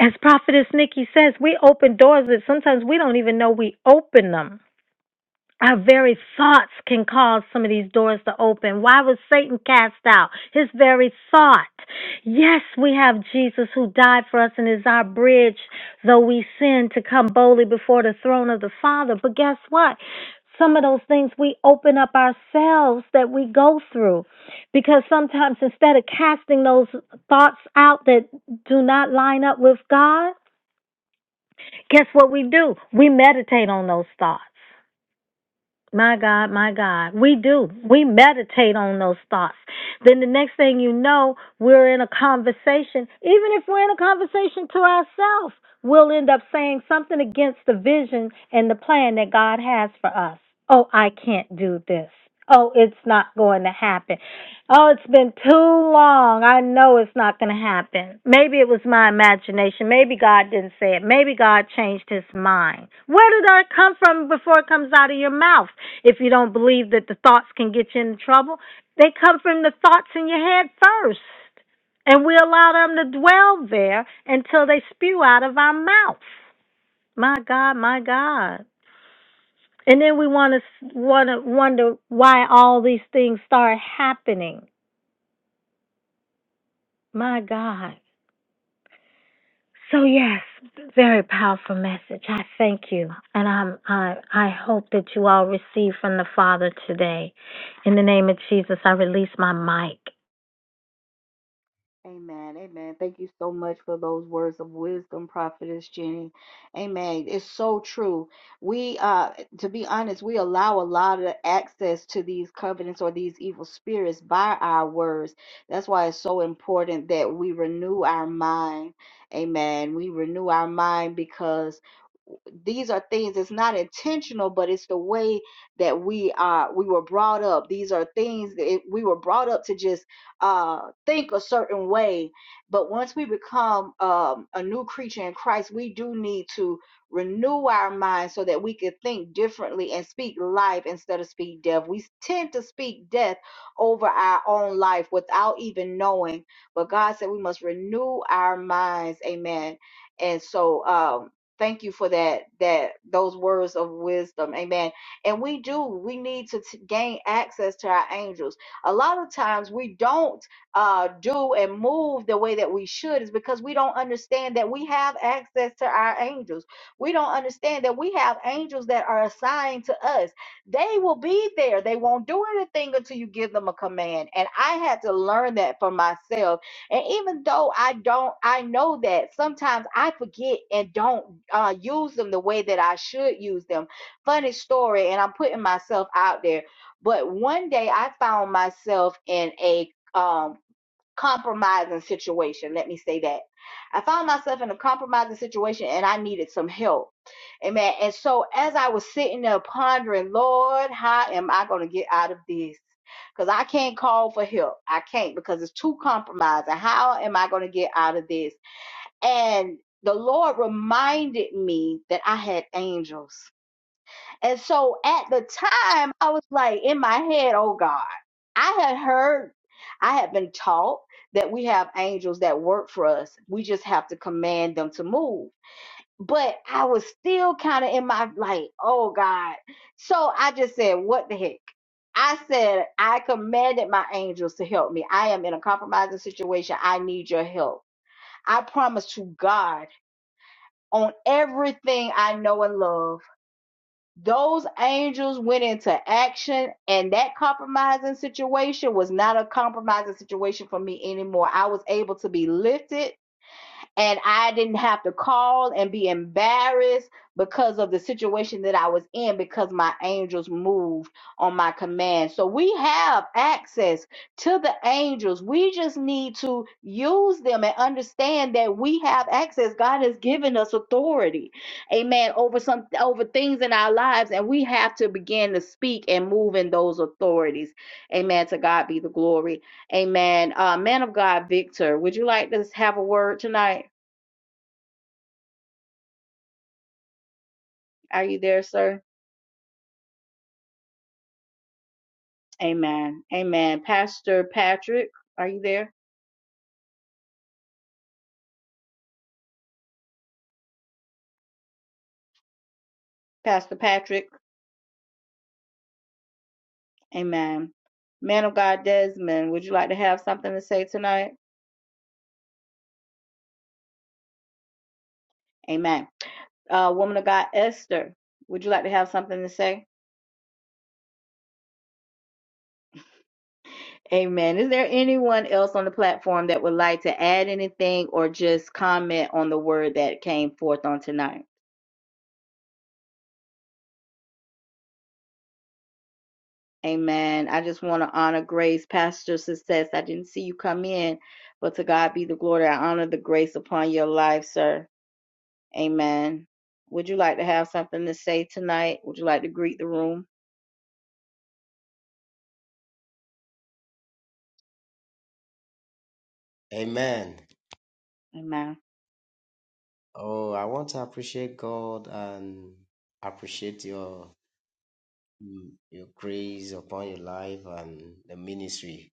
Speaker 4: As Prophetess Nikki says, we open doors that sometimes we don't even know we open them. Our very thoughts can cause some of these doors to open. Why was Satan cast out? His very thought. Yes, we have Jesus who died for us and is our bridge, though we sin, to come boldly before the throne of the Father. But guess what? Some of those things we open up ourselves that we go through. Because sometimes instead of casting those thoughts out that do not line up with God, Guess what we do? We meditate on those thoughts. My God, my God. We do. We meditate on those thoughts. Then the next thing you know, we're in a conversation. Even if we're in a conversation to ourselves, we'll end up saying something against the vision and the plan that God has for us. Oh, I can't do this. Oh, it's not going to happen. Oh, it's been too long. I know it's not going to happen. Maybe it was my imagination. Maybe God didn't say it. Maybe God changed his mind. Where did that come from before it comes out of your mouth? If you don't believe that the thoughts can get you into trouble, they come from the thoughts in your head first. And we allow them to dwell there until they spew out of our mouth. My God, my God. And then we want to want to wonder why all these things start happening My God. So yes, very powerful message. I thank you, and I'm, I I hope that you all receive from the Father today. In the name of Jesus, I release my mic.
Speaker 1: Amen. Amen. Thank you so much for those words of wisdom, Prophetess Jenny. Amen. It's so true. We, uh, to be honest, we allow a lot of access to these covenants or these evil spirits by our words. That's why it's so important that we renew our mind. Amen. We renew our mind because these are things it's not intentional but it's the way that we are we were brought up these are things that it- we were brought up to just uh, think a certain way. But once we become um, a new creature in Christ, we do need to renew our minds so that we can think differently and speak life instead of speak death. We tend to speak death over our own life without even knowing. But God said we must renew our minds. Amen. And so, um, thank you for that that those words of wisdom amen and we do we need to t- gain access to our angels a lot of times we don't uh, do and move the way that we should is because we don't understand that we have access to our angels. We don't understand that we have angels that are assigned to us. They will be there. They won't do anything until you give them a command. And I had to learn that for myself. And even though I don't, I know that sometimes I forget and don't uh, use them the way that I should use them. Funny story, and I'm putting myself out there but one day I found myself in a um, compromising situation. Let me say that. I found myself in a compromising situation and I needed some help. Amen. And so as I was sitting there pondering, Lord, how am I going to get out of this? Because I can't call for help. I can't because it's too compromising. How am I going to get out of this? And the Lord reminded me that I had angels. And so at the time, I was like in my head, oh God, I had heard, I had been taught that we have angels that work for us. We just have to command them to move. But I was still kind of in my like, oh God. So I just said, what the heck? I said, I commanded my angels to help me. I am in a compromising situation. I need your help. I promise to God on everything I know and love. Those angels went into action, and that compromising situation was not a compromising situation for me anymore. I was able to be lifted and I didn't have to call and be embarrassed because of the situation that I was in because my angels moved on my command. So we have access to the angels. We just need to use them and understand that we have access. God has given us authority. Amen. Over some over things in our lives and we have to begin to speak and move in those authorities. Amen. To God be the glory. Amen. Uh man of God, Victor, would you like to have a word tonight? Are you there, sir? Amen. Amen. Pastor Patrick, are you there? Pastor Patrick, amen. Man of God Desmond, would you like to have something to say tonight? Amen. Uh, woman of God Esther, would you like to have something to say? Amen. Is there anyone else on the platform that would like to add anything or just comment on the word that came forth on tonight? Amen. I just want to honor grace, pastor success. I didn't see you come in, but to God be the glory. I honor the grace upon your life, sir. Amen. Would you like to have something to say tonight? Would you like to greet the room?
Speaker 9: Amen.
Speaker 1: Amen.
Speaker 9: Oh, I want to appreciate God and appreciate your mm, your grace upon your life and the ministry.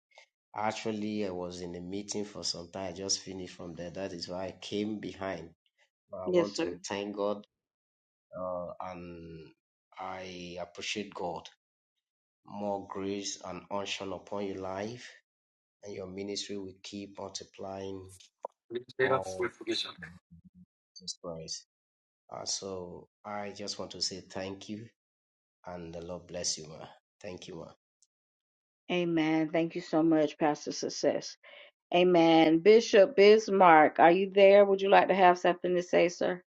Speaker 9: Actually, I was in a meeting for some time. I just finished from there. That is why I came behind. But I
Speaker 1: Yes,
Speaker 9: want to
Speaker 1: sir.
Speaker 9: thank God uh, and I appreciate God. More grace and unction upon your life and your ministry will keep multiplying
Speaker 10: They are free
Speaker 9: all
Speaker 10: to visit.
Speaker 9: Jesus Christ. Uh, so I just want to say thank you and the Lord bless you, ma. Thank you, ma.
Speaker 1: Amen. Thank you so much, Pastor Success. Amen. Bishop Bismarck, are you there? Would you like to have something to say, sir?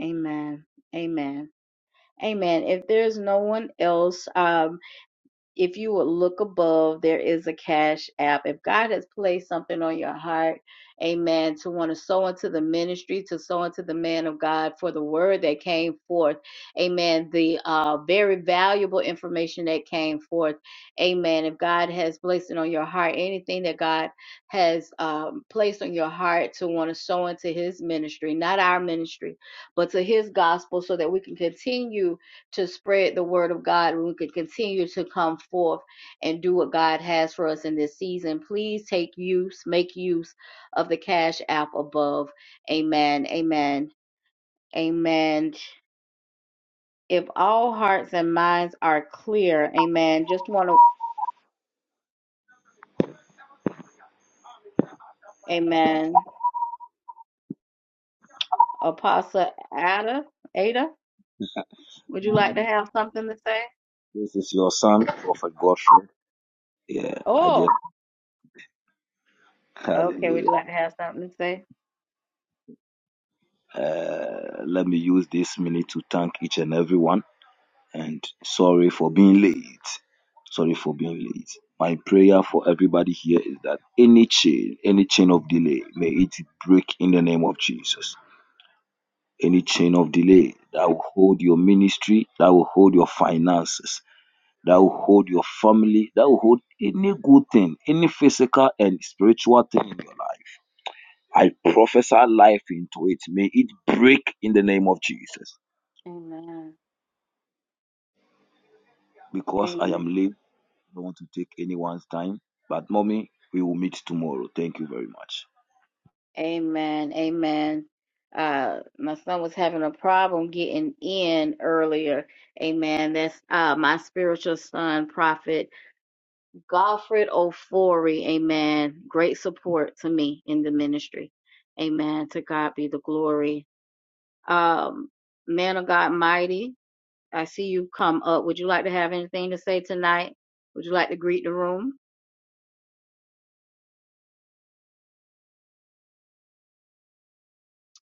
Speaker 1: Amen. Amen. Amen. If there's no one else, um, if you would look above, there is a cash app. If God has placed something on your heart, amen, to want to sow into the ministry, to sow into the man of God for the word that came forth, amen, the uh, very valuable information that came forth, amen. If God has placed it on your heart, anything that God has um, placed on your heart to want to sow into his ministry, not our ministry, but to his gospel, so that we can continue to spread the word of God and we could continue to come forth and do what God has for us in this season. Please take use, make use of the Cash App above. Amen. Amen. Amen. If all hearts and minds are clear, amen. Just want to, amen. Apostle Ada, Ada, would you like to have something to say?
Speaker 11: This is your son, Prophet Godfrey. Yeah, I just
Speaker 1: Oh, okay. Would
Speaker 11: hallelujah.
Speaker 1: you like to have something to say?
Speaker 11: Uh, let me use this minute to thank each and everyone. And sorry for being late. Sorry for being late. My prayer for everybody here is that any chain, any chain of delay, may it break in the name of Jesus. Any chain of delay that will hold your ministry, that will hold your finances, that will hold your family, that will hold any good thing, any physical and spiritual thing in your life I prophesy life into it. May it break in the name of Jesus.
Speaker 1: Amen.
Speaker 11: Because I
Speaker 1: Amen.
Speaker 11: am late, I don't want to take anyone's time. But, mommy, we will meet tomorrow. Thank you very much.
Speaker 1: Amen. Amen. Uh, my son was having a problem getting in earlier. Amen. That's uh, my spiritual son, Prophet Godfred Ofori. Amen. Great support to me in the ministry. Amen. To God be the glory. Um, man of God, mighty. I see you come up. Would you like to have anything to say tonight? Would you like to greet the room?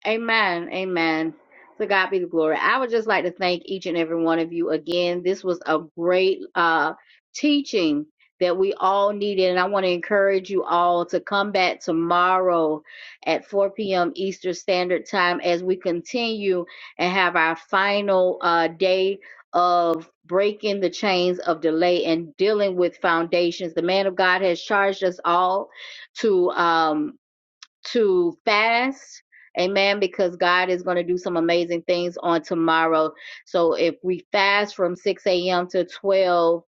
Speaker 1: Amen. Amen. To God be the glory. I would just like to thank each and every one of you again. This was a great uh, teaching that we all needed. And I want to encourage you all to come back tomorrow at 4 p.m. Eastern Standard Time as we continue and have our final uh, day of breaking the chains of delay and dealing with foundations. The man of God has charged us all to. um, to fast. Amen. Because God is going to do some amazing things on tomorrow. So if we fast from 6 a.m. to 12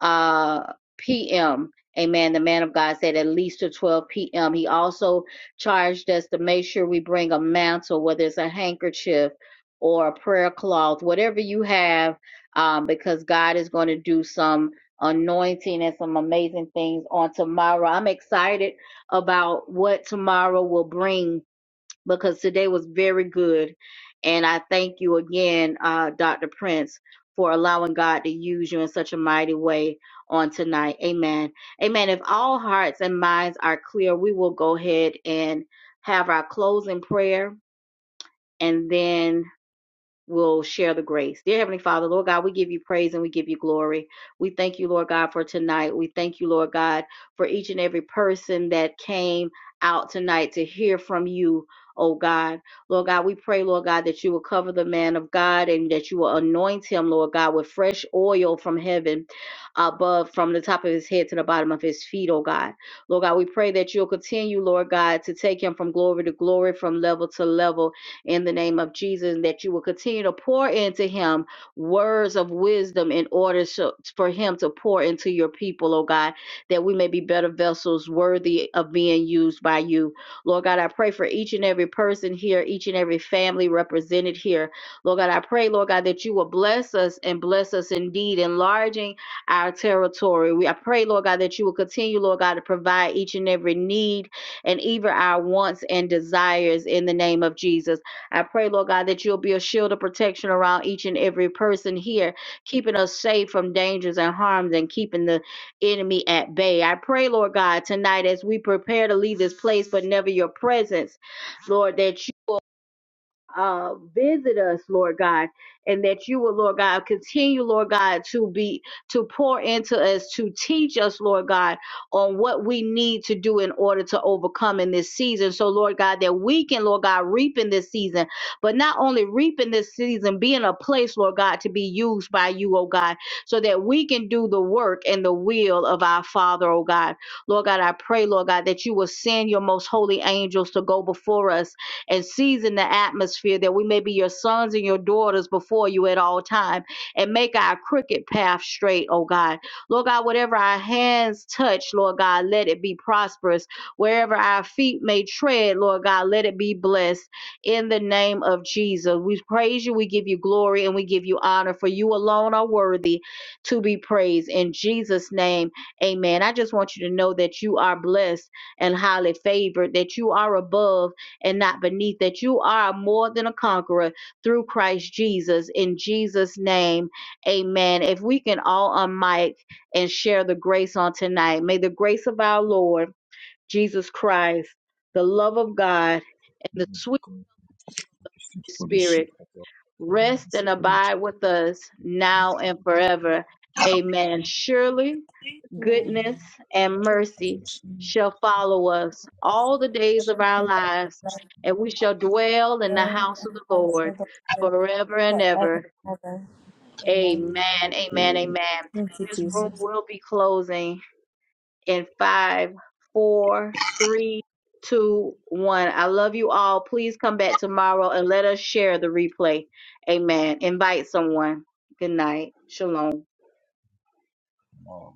Speaker 1: uh, p.m., amen. The man of God said at least to 12 p.m. He also charged us to make sure we bring a mantle, whether it's a handkerchief or a prayer cloth, whatever you have, um, because God is going to do some anointing and some amazing things on tomorrow. I'm excited about what tomorrow will bring because today was very good. And I thank you again, uh, Dr. Prince, for allowing God to use you in such a mighty way on tonight. Amen. Amen. If all hearts and minds are clear, we will go ahead and have our closing prayer. And then will share the grace. Dear Heavenly Father, Lord God, we give you praise and we give you glory. We thank you, Lord God, for tonight. We thank you, Lord God, for each and every person that came out tonight to hear from you. Oh God, Lord God, we pray, Lord God, that you will cover the man of God and that you will anoint him, Lord God, with fresh oil from heaven above, from the top of his head to the bottom of his feet, oh God. Lord God, we pray that you'll continue, Lord God, to take him from glory to glory, from level to level, in the name of Jesus, and that you will continue to pour into him words of wisdom in order so, for him to pour into your people, oh God, that we may be better vessels worthy of being used by you. Lord God, I pray for each and every person here, each and every family represented here. Lord God, I pray, Lord God, that you will bless us and bless us indeed, enlarging our territory. We I pray, Lord God, that you will continue, Lord God, to provide each and every need and even our wants and desires in the name of Jesus. I pray, Lord God, that you'll be a shield of protection around each and every person here, keeping us safe from dangers and harms and keeping the enemy at bay. I pray, Lord God, tonight as we prepare to leave this place, but never your presence, Lord, that you uh, visit us, Lord God, and that you will, Lord God, continue, Lord God, to be to pour into us, to teach us, Lord God, on what we need to do in order to overcome in this season. So, Lord God, that we can, Lord God, reap in this season, but not only reap in this season, be in a place, Lord God, to be used by you, oh God, so that we can do the work and the will of our Father, oh God. Lord God, I pray, Lord God, that you will send your most holy angels to go before us and season the atmosphere that we may be your sons and your daughters before you at all time and make our crooked path straight, oh God. Lord God, whatever our hands touch, Lord God, let it be prosperous. Wherever our feet may tread, Lord God, let it be blessed in the name of Jesus. We praise you, we give you glory, and we give you honor, for you alone are worthy to be praised. In Jesus' name, amen. I just want you to know that you are blessed and highly favored, that you are above and not beneath, that you are more than a conqueror through Christ Jesus. In Jesus' name, amen. If we can all unmic and share the grace on tonight, may the grace of our Lord Jesus Christ, the love of God, and the sweet
Speaker 12: God, thank you for the
Speaker 9: Bless
Speaker 12: fellowship,
Speaker 9: you
Speaker 1: spirit
Speaker 9: for your
Speaker 12: Father, of
Speaker 1: rest
Speaker 12: the
Speaker 1: and abide with us now and forever. Amen. Surely goodness and mercy
Speaker 12: Spirit, mercy,
Speaker 1: shall follow us all the days of our lives, and we shall dwell in the house of the Lord forever and ever. Amen.
Speaker 9: communion,
Speaker 1: Amen.
Speaker 13: Mm.
Speaker 1: Amen. This room will be closing in five, four, three, two, one. I love you all. Please come back tomorrow and let us share the replay. Amen. Invite someone. Good night. Shalom.
Speaker 9: ma.